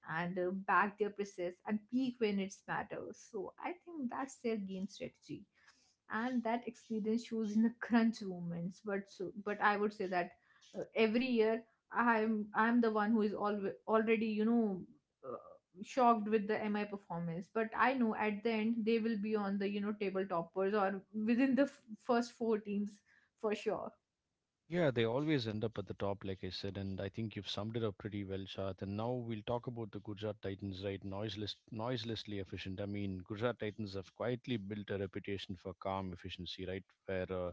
S2: and back their process and peak when it matters, so I think that's their game strategy, and that experience shows in the crunch moments. But so, but I would say that every year I'm the one who is alwa already, uh, shocked with the MI performance. But I know at the end they will be on the table toppers, or within first four teams for sure.
S1: Yeah, they always end up at the top, like I said, and I think you've summed it up pretty well, Shad. And now we'll talk about the Gujarat Titans, right? Noiseless, noiselessly efficient. I mean, Gujarat Titans have quietly built a reputation for calm efficiency, right? Where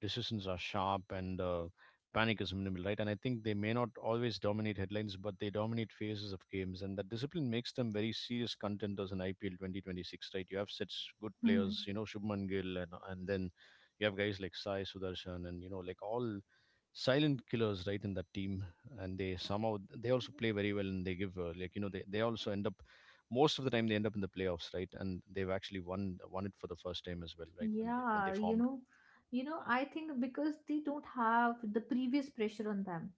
S1: decisions are sharp, and panic is minimal, right? And I think they may not always dominate headlines, but they dominate phases of games, and that discipline makes them very serious contenders in IPL 2026, right? You have such good
S2: Hmm.
S1: players, you know, Shubman Gill, and then you have guys like Sai Sudarshan, and you know, like all silent killers, right, in that team. And they somehow, they also play very well, and they give like you know, they also end up, most of the time they end up in the playoffs, right? And they've actually won it for the first time as well, right, when they
S2: Yeah,
S1: formed.
S2: I think because they don't have the previous pressure on them.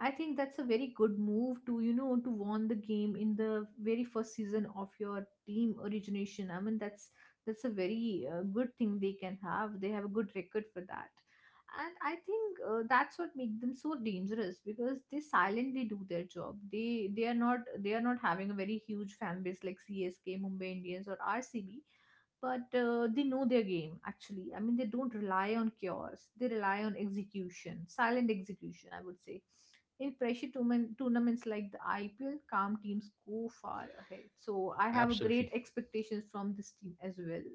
S2: I think that's a very good move to, to won the game in the very first season of your team origination. I mean, that's a very good thing they can have. They have a good record for that. And I think that's what makes them so dangerous, because they silently do their job. They are not having a very huge fan base like CSK, Mumbai Indians or RCB, but they know their game actually. I mean, they don't rely on cures. They rely on execution, silent execution, I would say. In pressure tournaments like the IPL, calm teams go far ahead, so I have
S1: Absolutely.
S2: great expectations from this team as well.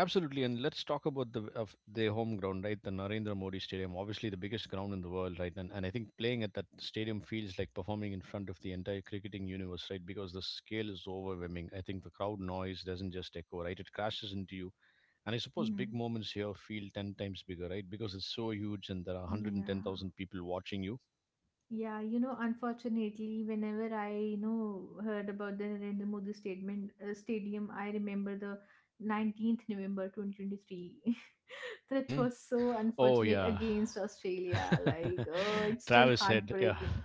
S1: Absolutely, and let's talk about the of their home ground, right? The Narendra Modi Stadium, obviously the biggest ground in the world, right? And I think playing at that stadium feels like performing in front of the entire cricketing universe, right? Because the scale is overwhelming. I think the crowd noise doesn't just echo, right? It crashes into you, and I suppose big
S2: Hmm.
S1: moments here feel ten times bigger, right? Because it's so huge, and there are one hundred and ten
S2: Yeah.
S1: thousand people watching you.
S2: Yeah, unfortunately, whenever I, heard about the Narendra Modi statement stadium, I remember the 19th November 2023. That
S1: Hmm.
S2: was so
S1: Oh
S2: unfortunate
S1: yeah,
S2: against Australia. Like, oh, it's still
S1: Travis Head, yeah,
S2: heartbreaking.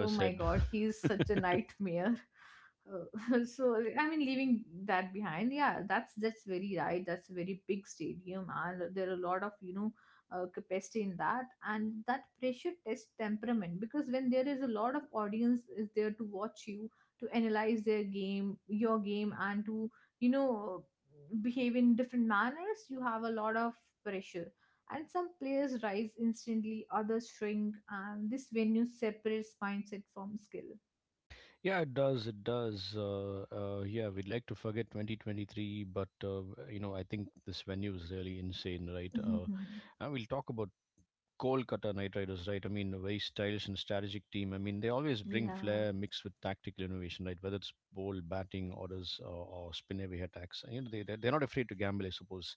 S2: Oh my
S1: Head.
S2: God, he's such a nightmare. So leaving that behind, yeah, that's very right. That's a very big stadium and there are a lot of, capacity in that, and that pressure tests temperament. Because when there is a lot of audience is there to watch you, to analyze their game, your game, and to, you know, behave in different manners, you have a lot of pressure. And some players rise instantly, others shrink, and this venue separates mindset from skill.
S1: Yeah, it does. It does. Yeah, we'd like to forget 2023, but you know, I think this venue is really insane, right? And we'll talk about Coal Cutter Knight Riders, right? I mean, very stylish and strategic team. I mean, they always bring
S2: Yeah.
S1: flair mixed with tactical innovation, right? Whether it's bold batting orders, or spin heavy attacks, you know, they're not afraid to gamble, I suppose,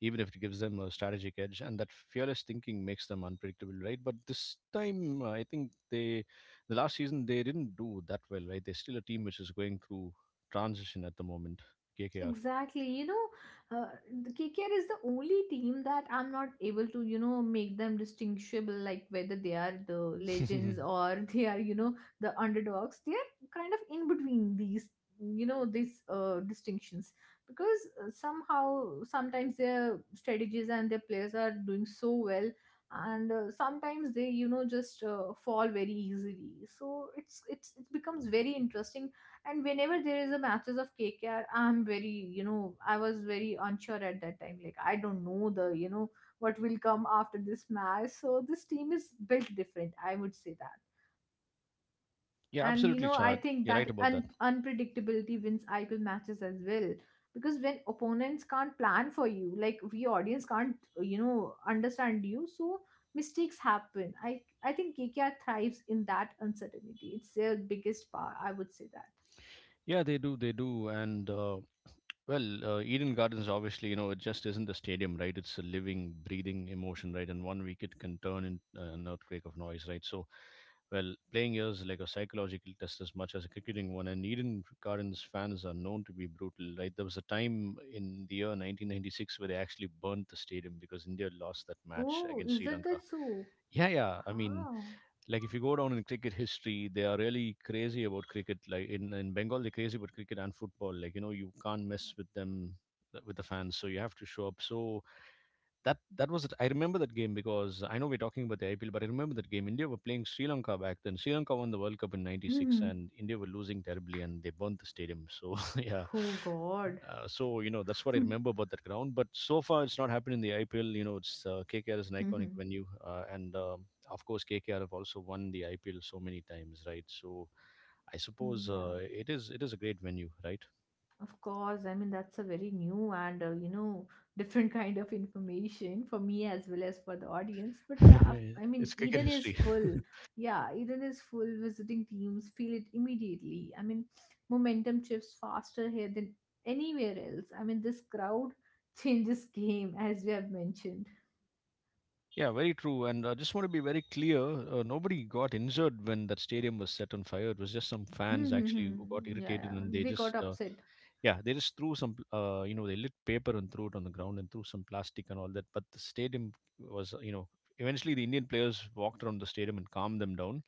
S1: even if it gives them a strategic edge. And that fearless thinking makes them unpredictable, right? But this time, I think they, the last season, they didn't do that well, right? They're still a team which is going through transition at the moment. KKR.
S2: Exactly, you know, uh, the KKR is the only team that I'm not able to, you know, make them distinguishable, like whether they are the legends or they are, you know, the underdogs. They are kind of in between these, you know, these distinctions, because somehow sometimes their strategies and their players are doing so well, and sometimes they, you know, just fall very easily. So it becomes very interesting. And whenever there is a matches of KKR, I'm very, you know, I was very unsure at that time. Like I don't know the, you know, what will come after this match. So this team is built different, I would say that.
S1: Yeah,
S2: And you
S1: absolutely,
S2: know, I
S1: Chad.
S2: think
S1: You're right
S2: that
S1: about that.
S2: unpredictability wins IPL matches as well. Because when opponents can't plan for you, like we audience can't, you know, understand you, so mistakes happen. I think KKR thrives in that uncertainty. It's their biggest power, I would say that.
S1: Yeah, they do. They do. And well, Eden Gardens, obviously, you know, it just isn't a stadium, right? It's a living, breathing emotion, right? And one week it can turn into an earthquake of noise, right? So, well, playing here is like a psychological test as much as a cricketing one. And Eden Gardens fans are known to be brutal, right? There was a time in the year 1996 where they actually burnt the stadium because India lost that match
S2: Oh,
S1: against
S2: is
S1: Sri
S2: that
S1: Lanka.
S2: that so?
S1: Yeah, yeah. I mean,
S2: Oh.
S1: like if you go down in cricket history, they are really crazy about cricket. Like in Bengal, they're crazy about cricket and football. Like you know, you can't mess with them, with the fans. So you have to show up. So that was it. I remember that game because I know we're talking about the IPL, but I remember that game. India were playing Sri Lanka back then. Sri Lanka won the World Cup in '96,
S2: Mhm.
S1: and India were losing terribly, and they burnt the stadium. So yeah,
S2: Oh God.
S1: so you know, that's what I remember about that ground. But so far, it's not happened in the IPL. You know, it's KKR is an iconic venue, and of course, KKR have also won the IPL so many times, right? So I suppose
S2: Yeah.
S1: it is, it is a great venue, right?
S2: Of course. I mean, that's a very new and you know, different kind of information for me as well as for the audience. But yeah, I mean,
S1: It's cricket
S2: Eden is
S1: history.
S2: full. Yeah, Eden is full. Visiting teams feel it immediately. I mean, momentum shifts faster here than anywhere else. I mean, this crowd changes game as we have mentioned.
S1: Yeah, very true. And I just want to be very clear, nobody got injured when that stadium was set on fire. It was just some fans actually
S2: Yeah,
S1: who got irritated,
S2: yeah,
S1: and they
S2: they
S1: just
S2: got upset.
S1: yeah, they just threw some, you know, they lit paper and threw it on the ground and threw some plastic and all that. But the stadium was, you know, eventually the Indian players walked around the stadium and calmed them down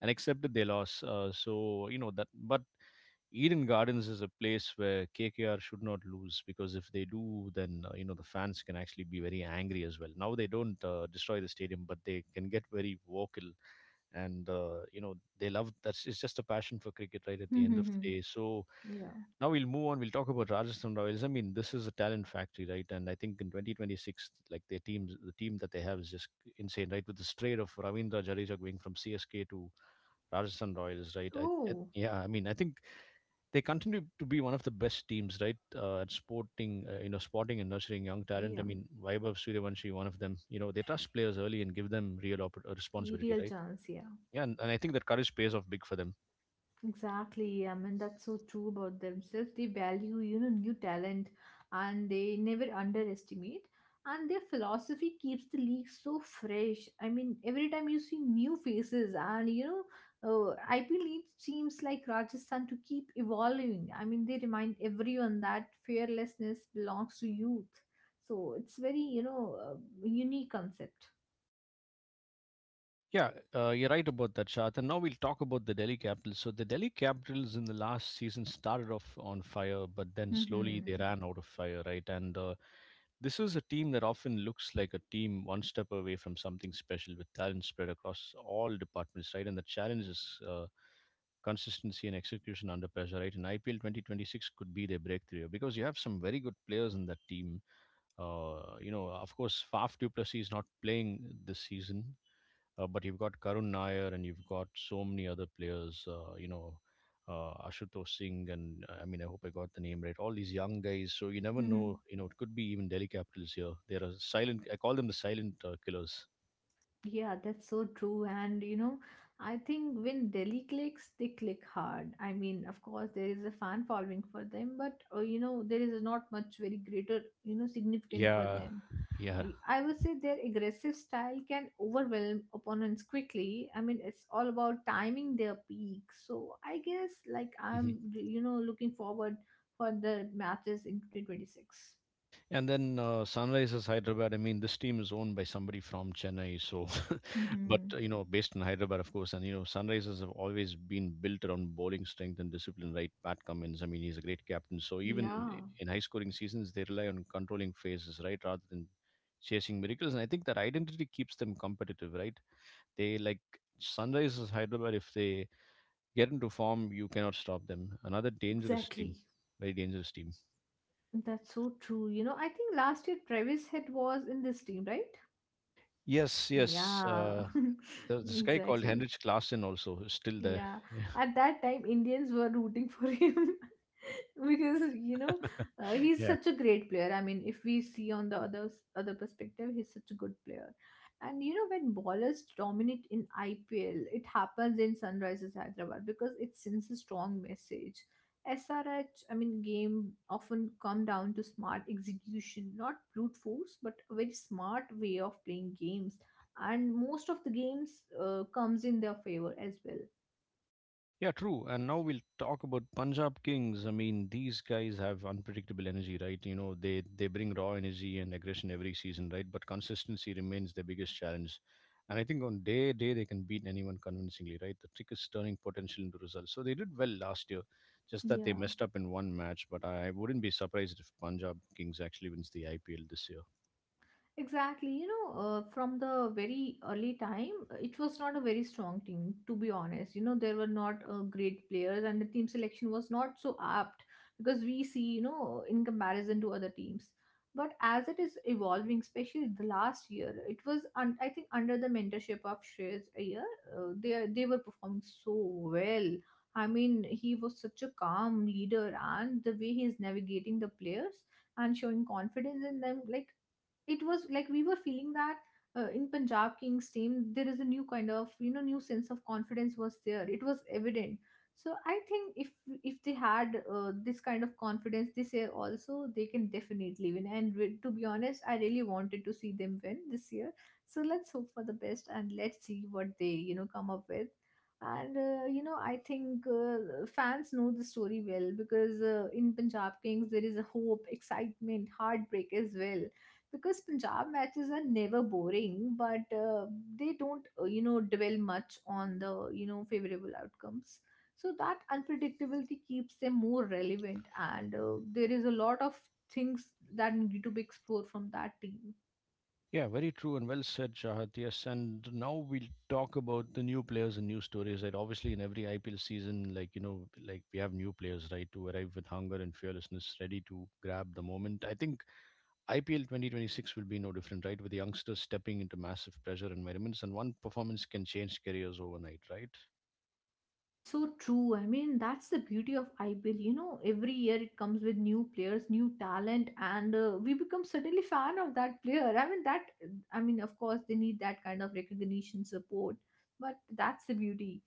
S1: and accepted their loss. So, you know, that, but Eden Gardens is a place where KKR should not lose, because if they do, then you know, the fans can actually be very angry as well. Now they don't destroy the stadium, but they can get very vocal, and you know, they love, that's, it's just a passion for cricket, right, at the end of the day. So
S2: Yeah.
S1: now we'll move on. We'll talk about Rajasthan Royals. I mean, this is a talent factory, right? And I think in 2026, like their teams, the team that they have is just insane, right? With the trade of Ravindra Jadeja going from CSK to Rajasthan Royals, right?
S2: Oh,
S1: Yeah, I mean, I think they continue to be one of the best teams, right? At sporting, you know, sporting and nurturing young talent. I
S2: yeah,
S1: mean, Vaibhav Suryavanshi, one of them. You know, they trust players early and give them real
S2: a
S1: responsibility,
S2: real
S1: right?
S2: chance, yeah.
S1: Yeah, and I think that courage pays off big for them.
S2: Exactly, yeah. I mean, that's so true about themselves. They value, you know, new talent, and they never underestimate. And their philosophy keeps the league so fresh. I mean, every time you see new faces, and you know, IPL needs teams like Rajasthan to keep evolving. I mean, they remind everyone that fearlessness belongs to youth. So it's very, you know, unique concept.
S1: Yeah, you're right about that, Shad. And now we'll talk about the Delhi Capitals. So the Delhi Capitals in the last season started off on fire, but then slowly they
S2: Mm-hmm.
S1: ran out of fire, right? And this is a team that often looks like a team one step away from something special, with talent spread across all departments, right? And the challenge is consistency and execution under pressure, right? And IPL 2026 could be their breakthrough, because you have some very good players in that team. You know, of course, Faf Duplessis is not playing this season, but you've got Karun Nair, and you've got so many other players, you know, Ashutosh Singh, and I mean, I hope I got the name right. All these young guys. So you never know,
S2: Mm-hmm.
S1: you know, it could be even Delhi Capitals here. They're a silent, I call them the silent killers.
S2: Yeah, that's so true. And you know, I think when Delhi clicks, they click hard. I mean, of course, there is a fan following for them, but you know, there is not much very greater, you know, significant for
S1: Yeah.
S2: them.
S1: Yeah.
S2: I would say their aggressive style can overwhelm opponents quickly. I mean, it's all about timing their peak. So I guess, like, I'm, you know, looking forward for the matches in 2026.
S1: And then Sunrisers Hyderabad. I mean, this team is owned by somebody from Chennai, so, but
S2: Mm-hmm.
S1: you know, based in Hyderabad, of course. And you know, Sunrisers have always been built around bowling strength and discipline, right? Pat Cummins. I mean, he's a great captain. So even
S2: Yeah,
S1: in high-scoring seasons, they rely on controlling phases, right, rather than chasing miracles. And I think that identity keeps them competitive, right? They like Sunrisers Hyderabad. If they get into form, you cannot stop them. Another dangerous team,
S2: exactly.
S1: very dangerous team.
S2: That's so true. You know, I think last year Travis Head was in this team, right?
S1: Yes, yes.
S2: Yeah,
S1: There's this guy called
S2: exactly.
S1: Henrik Klassen also who's still there.
S2: Yeah,
S1: Yeah.
S2: at that time, Indians were rooting for him, because you know, he's
S1: yeah.
S2: such a great player. I mean, if we see on the other other perspective, he's such a good player. And you know, when ballers dominate in IPL, it happens in Sunrisers Hyderabad, because it sends a strong message. SRH, I mean, game often come down to smart execution, not brute force, but a very smart way of playing games, and most of the games comes in their favor as well.
S1: Yeah, true. And now we'll talk about Punjab Kings. I mean, these guys have unpredictable energy, right? You know, they bring raw energy and aggression every season, right? But consistency remains their biggest challenge. And I think on day they can beat anyone convincingly, right? The trick is turning potential into results. So they did well last year, just that they
S2: Yeah,
S1: messed up in one match. But I wouldn't be surprised if Punjab Kings actually wins the IPL this year.
S2: exactly. You know, from the very early time, it was not a very strong team, to be honest. You know, there were not great players, and the team selection was not so apt, because we see, you know, in comparison to other teams. But as it is evolving, especially the last year, it was, I think, under the mentorship of Shreyas Iyer, they were performing so well. I mean, he was such a calm leader, and the way he is navigating the players and showing confidence in them, like it was like we were feeling that in Punjab Kings team there is a new kind of, you know, new sense of confidence was there. It was evident. So I think if they had this kind of confidence this year also, they can definitely win. And to be honest, I really wanted to see them win this year. So let's hope for the best and let's see what they, you know, come up with. And you know, I think fans know the story well, because in Punjab Kings there is a hope, excitement, heartbreak as well, because Punjab matches are never boring, but they don't, you know, dwell much on the, you know, favorable outcomes. So that unpredictability keeps them more relevant, and there is a lot of things that need to be explored from that team.
S1: Yeah, very true and well said, Shahat. Yes, and now we'll talk about the new players and new stories. Right, obviously, in every IPL season, like you know, like we have new players, right, to arrive with hunger and fearlessness, ready to grab the moment. I think IPL 2026 will be no different, right, with the youngsters stepping into massive pressure environments, and one performance can change careers overnight, right?
S2: That's so true. I mean, that's the beauty of IPL. You know, every year it comes with new players, new talent, and we become suddenly fan of that player. I mean, that, I mean, of course, they need that kind of recognition, support, but that's the beauty.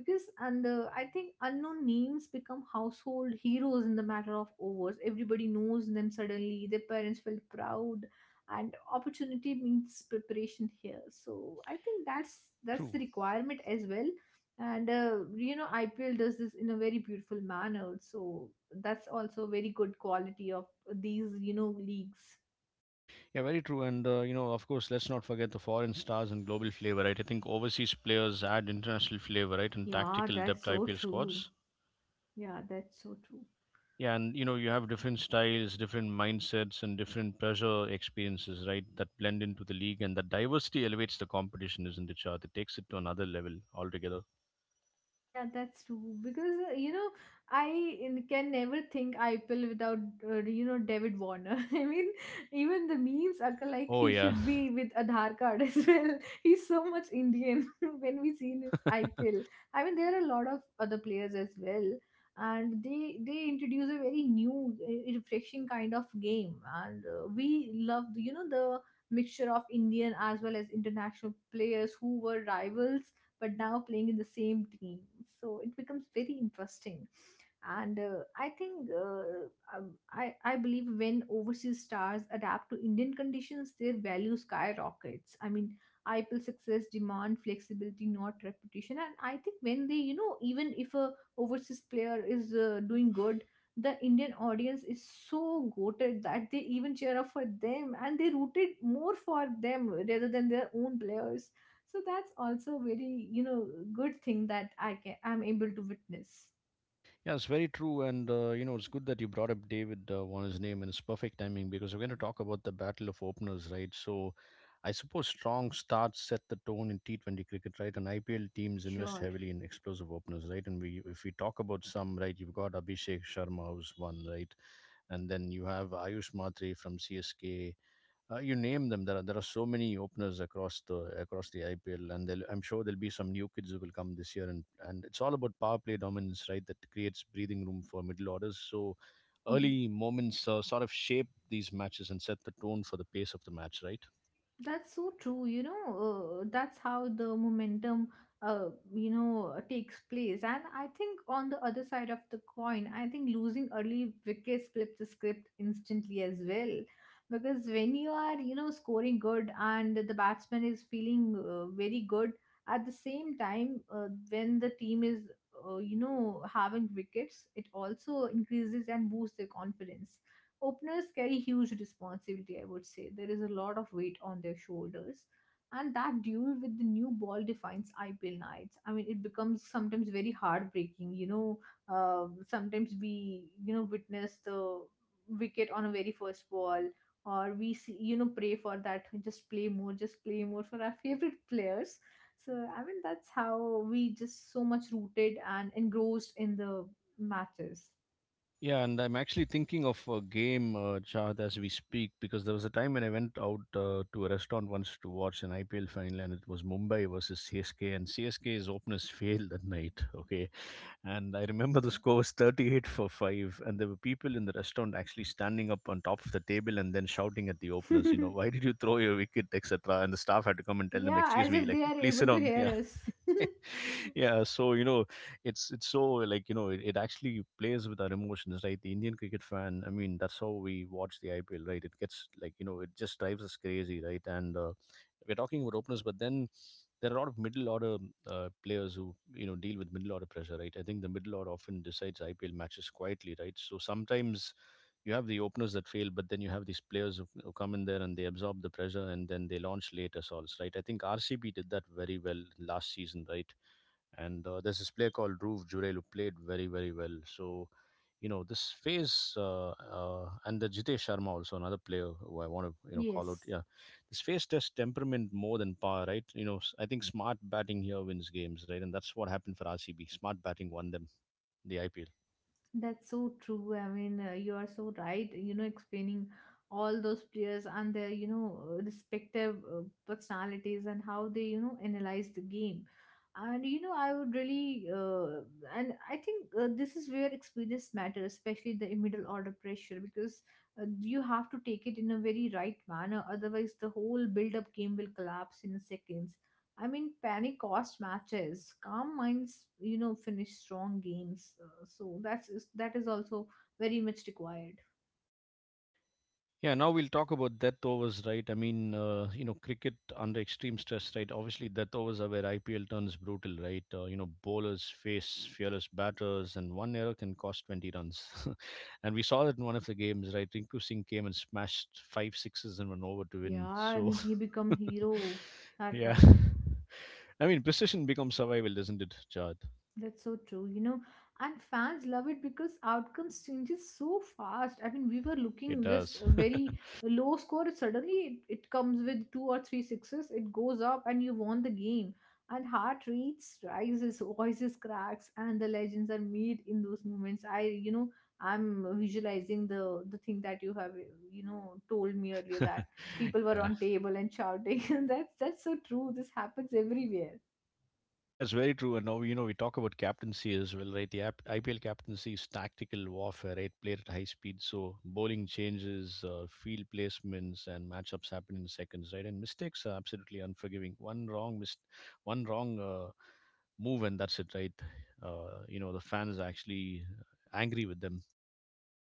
S2: Because, and I think unknown names become household heroes in the matter of overs. Everybody knows them suddenly. Their parents felt proud, and opportunity means preparation here. So I think that's
S1: True.
S2: the requirement as well. And you know, IPL does this in a very beautiful manner, so that's also very good quality of these, you know, leagues.
S1: Yeah, very true. And you know, of course, let's not forget the foreign stars and global flavor, right? I think overseas players add international flavor, right, and
S2: Yeah,
S1: tactical
S2: that's
S1: depth
S2: so
S1: IPL
S2: true.
S1: squads.
S2: Yeah, that's so true.
S1: Yeah, and you know, you have different styles, different mindsets, and different pressure experiences, right? That blend into the league, and that diversity elevates the competition, isn't it, Shah? It takes it to another level altogether.
S2: Yeah, that's true. Because you know, I can never think IPL without you know, David Warner. I mean, even the memes are like
S1: Oh
S2: he
S1: yeah,
S2: should be with Aadhaar card as well. He's so much Indian when we see in his IPL. I mean, there are a lot of other players as well, and they introduce a very new, refreshing kind of game, and we love, you know, the mixture of Indian as well as international players who were rivals but now playing in the same team. So it becomes very interesting. And I believe when overseas stars adapt to Indian conditions, their value skyrockets. I mean, IPL success demand flexibility, not reputation. And I think when they, you know, even if a overseas player is doing good, the Indian audience is so goated that they even cheer up for them, and they rooted more for them rather than their own players. So that's also very, you know, good thing that I'm able to witness.
S1: yeah, it's very true, and you know, it's good that you brought up David Warner's name, and it's perfect timing because we're going to talk about the battle of openers, right? So, I suppose strong starts set the tone in T20 cricket, right? And IPL teams invest
S2: Sure.
S1: heavily in explosive openers, right? And we, if we talk about some, right, you've got Abhishek Sharma who's one, right? And then you have Ayush Matri from CSK. You name them. There are so many openers across the IPL, and I'm sure there'll be some new kids who will come this year, and it's all about power play dominance, right? That creates breathing room for middle orders. So
S2: Mhm.
S1: early moments sort of shape these matches and set the tone for the pace of the match, right?
S2: That's so true. You know, that's how the momentum, you know, takes place. And I think on the other side of the coin, I think losing early wickets flips the script instantly as well. Because when you are, you know, scoring good and the batsman is feeling very good, at the same time, when the team is, you know, having wickets, it also increases and boosts their confidence. Openers carry huge responsibility, I would say. There is a lot of weight on their shoulders. And that duel with the new ball defines IPL nights. I mean, it becomes sometimes very heartbreaking. You know, sometimes we, you know, witness the wicket on a very first ball, or we see, you know, pray for that. Just play more for our favorite players. So, I mean, that's how we just so much rooted and engrossed in the matches.
S1: Yeah, and I'm actually thinking of a game, Chad, as we speak, because there was a time when I went out to a restaurant once to watch an IPL final, and it was Mumbai versus CSK, and CSK's openers failed that night. Okay, and I remember the score was 38 for 5. And there were people in the restaurant actually standing up on top of the table and then shouting at the openers, you know, why did you throw your wicket, etc. And the staff had to come and tell them,
S2: Yeah,
S1: excuse
S2: as
S1: me,
S2: if
S1: like,
S2: they are
S1: please sit
S2: able to
S1: down.
S2: hear
S1: Yeah.
S2: us.
S1: yeah, so you know it's so like you know it actually plays with our emotions, right? The Indian cricket fan, I mean, that's how we watch the IPL, right? It gets like you know it just drives us crazy, right? And we're talking about openers, but then there are a lot of middle order players who you know deal with middle order pressure, right? I think the middle order often decides IPL matches quietly, right? So sometimes you have the openers that fail, but then you have these players who come in there and they absorb the pressure and then they launch late assaults, right? I think RCB did that very well last season, right? And there's this player called Dhruv Jurel who played very very well. So you know this phase, and the Jitesh Sharma also another player who I want to you know call out.
S2: Yes,
S1: Yeah, this phase tests temperament more than power, right? You know I think smart batting here wins games, right? And that's what happened for RCB. Smart batting won them the IPL.
S2: that's so true. I mean, you are so right. You know, explaining all those players and their, you know, respective personalities and how they, you know, analyze the game. And you know, I would really and I think this is where experience matters, especially the middle order pressure, because you have to take it in a very right manner, otherwise the whole build up game will collapse in seconds. I mean, panic cost matches, calm minds, you know, finish strong games, so that is also very much required.
S1: Yeah, now we'll talk about death overs, right? I mean, you know, cricket under extreme stress, right? Obviously, death overs are where IPL turns brutal, right? You know, bowlers face fearless batters, and one error can cost 20 runs. And we saw that in one of the games, right? Rinku Singh came and smashed five sixes in one over to win.
S2: Yeah, I
S1: So,
S2: mean, he become hero that
S1: yeah.
S2: night.
S1: I mean, precision becomes survival, doesn't it, Chad?
S2: That's so true, you know, and fans love it because outcomes changes so fast. I mean, we were
S1: It
S2: looking just
S1: does.
S2: a very low score. Suddenly, it comes with two or three sixes. It goes up, and you won the game. And heart rates rises, voices cracks, and the legends are made in those moments. I, you know, I'm visualizing the thing that you have, you know, told me earlier that people were
S1: yeah.
S2: on table and shouting. That's so true. This happens everywhere.
S1: That's very true. And now, you know, we talk about captaincy as well, right? IPL captaincy is tactical warfare, right? Played at high speed. So bowling changes, field placements, and matchups happen in seconds, right? And mistakes are absolutely unforgiving. One wrong move, and that's it, right? You know, the fans are actually angry with them.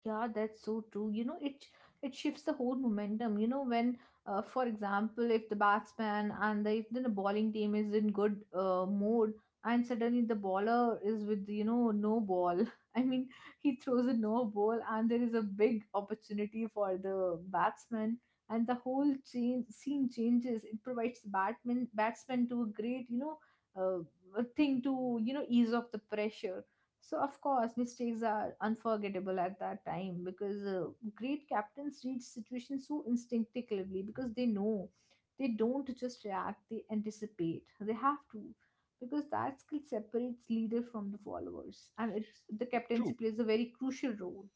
S2: Yeah, that's so true. You know, it shifts the whole momentum. You know, when, for example, if the batsman, and the if the bowling team is in good mode, and suddenly the bowler is with, you know, no ball. I mean, he throws a no ball, and there is a big opportunity for the batsman, and the whole change scene changes. It provides the batsman to a great, you know, a thing to, you know, ease off the pressure. So, of course, mistakes are unforgettable at that time, because great captains read situations so instinctively, because they know they don't just react, they anticipate. They have to, because that skill separates leader from the followers, and it's the captaincy
S1: True.
S2: plays a very crucial role.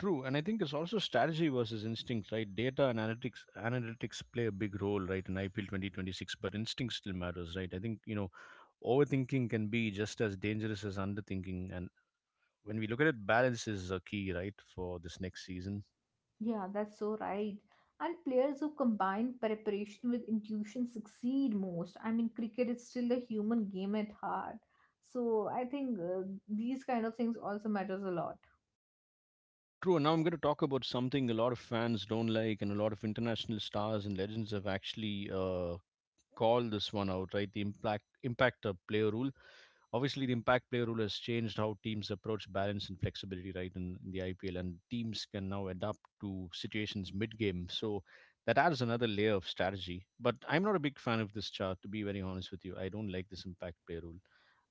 S1: True, and I think it's also strategy versus instinct, right? Data and analytics play a big role, right, in IPL 2026, but instinct still matters, right? I think you know, overthinking can be just as dangerous as underthinking, and when we look at it, balance is a key, right, for this next season.
S2: Yeah, that's so right. And players who combine preparation with intuition succeed most. I mean, cricket is still a human game at heart. So I think these kind of things also matters a lot.
S1: True, and now I'm going to talk about something a lot of fans don't like, and a lot of international stars and legends have actually called this one out, right? The impact of player rule. Obviously, the impact play rule has changed how teams approach balance and flexibility, right, in the IPL, and teams can now adapt to situations mid game. So that adds another layer of strategy. But I'm not a big fan of this chart, to be very honest with you. I don't like this impact play rule.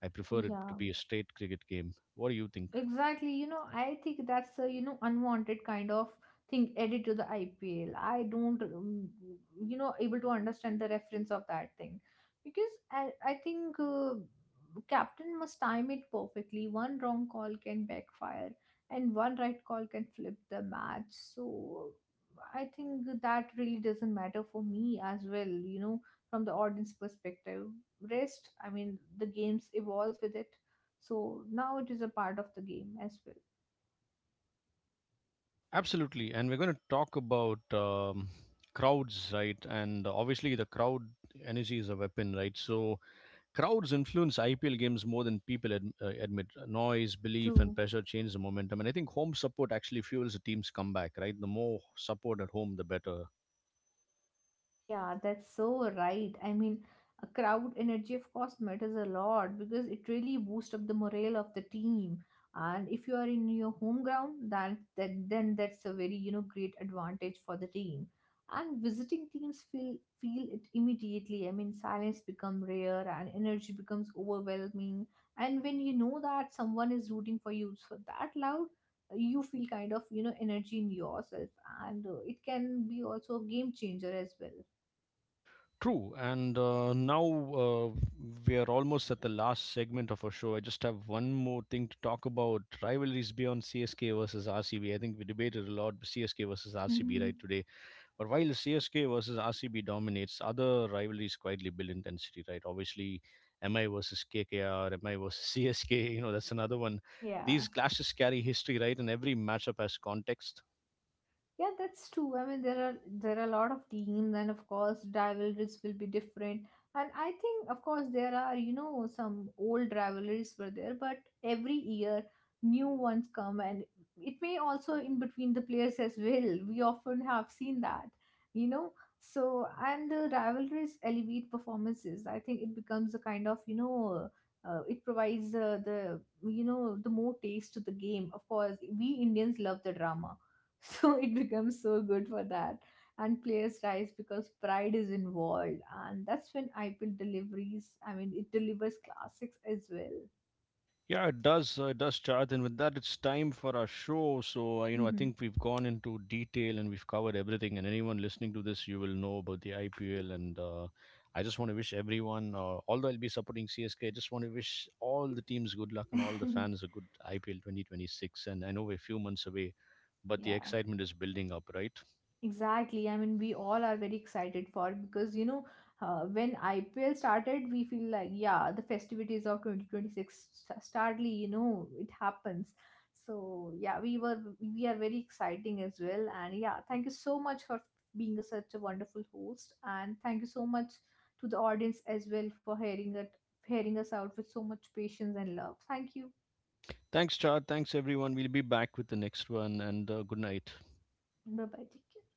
S1: I prefer it to
S2: Yeah,
S1: be a straight cricket game. What do you think?
S2: exactly. You know, I think that's a, you know, unwanted kind of thing added to the IPL. I don't, you know, able to understand the reference of that thing, because I think captain must time it perfectly. One wrong call can backfire, and one right call can flip the match. So I think that really doesn't matter for me as well, you know, from the audience perspective. Rest, I mean, the games evolves with it. So now it is a part of the game as well.
S1: Absolutely. And we're going to talk about crowds, right? And obviously, the crowd energy is a weapon, right? So crowds influence IPL games more than people admit. Noise, belief, and
S2: True.
S1: pressure change the momentum. And I think home support actually fuels a team's comeback, right? The more support at home, the better.
S2: Yeah, that's so right. I mean, a crowd energy, of course, matters a lot because it really boosts up the morale of the team. And if you are in your home ground, that, that then that's a very, you know, great advantage for the team. And visiting teams feel it immediately. I mean, silence become rare and energy becomes overwhelming. And when you know that someone is rooting for you so that loud, you feel kind of, you know, energy in yourself, and it can be also a game changer as well.
S1: True. And now we are almost at the last segment of our show. I just have one more thing to talk about rivalries beyond CSK versus RCB. I think we debated a lot CSK versus RCB,
S2: Mhm.
S1: right, today. But while CSK versus RCB dominates, other rivalries quietly build intensity, right? Obviously, MI versus KKR, MI versus CSK, you know, that's another one.
S2: Yeah.
S1: These clashes carry history, right? And every matchup has context.
S2: Yeah, that's true. I mean, there are a lot of teams, and of course, rivalries will be different. And I think, of course, there are, you know, some old rivalries were there, but every year new ones come, and it may also in between the players as well. We often have seen that, you know. So, and the rivalries elevate performances. I think it becomes a kind of, you know. It provides the, you know, the more taste to the game. Of course, we Indians love the drama. So it becomes so good for that, and players rise because pride is involved, and that's when IPL deliveries, I mean, it delivers classics as well.
S1: Yeah, it does. It does, Chad. And with that, it's time for our show. So, you know, I think we've gone into detail and we've covered everything. And anyone listening to this, you will know about the IPL. And I just want to wish everyone, although I'll be supporting CSK, I just want to wish all the teams good luck and all the fans a good IPL 2026. And I know we're a few months away, but the
S2: Yeah.
S1: excitement is building up, right?
S2: Exactly. I mean, we all are very excited for it, because you know, when IPL started, we feel like, yeah, the festivities of 2026 startly, you know, it happens. So yeah, we are very exciting as well. And yeah, thank you so much for being a, such a wonderful host, and thank you so much to the audience as well for hearing it, hearing us out with so much patience and love. Thank you.
S1: Thanks, Chad. Thanks, everyone. We'll be back with the next one. And good night.
S2: Bye bye. Take care.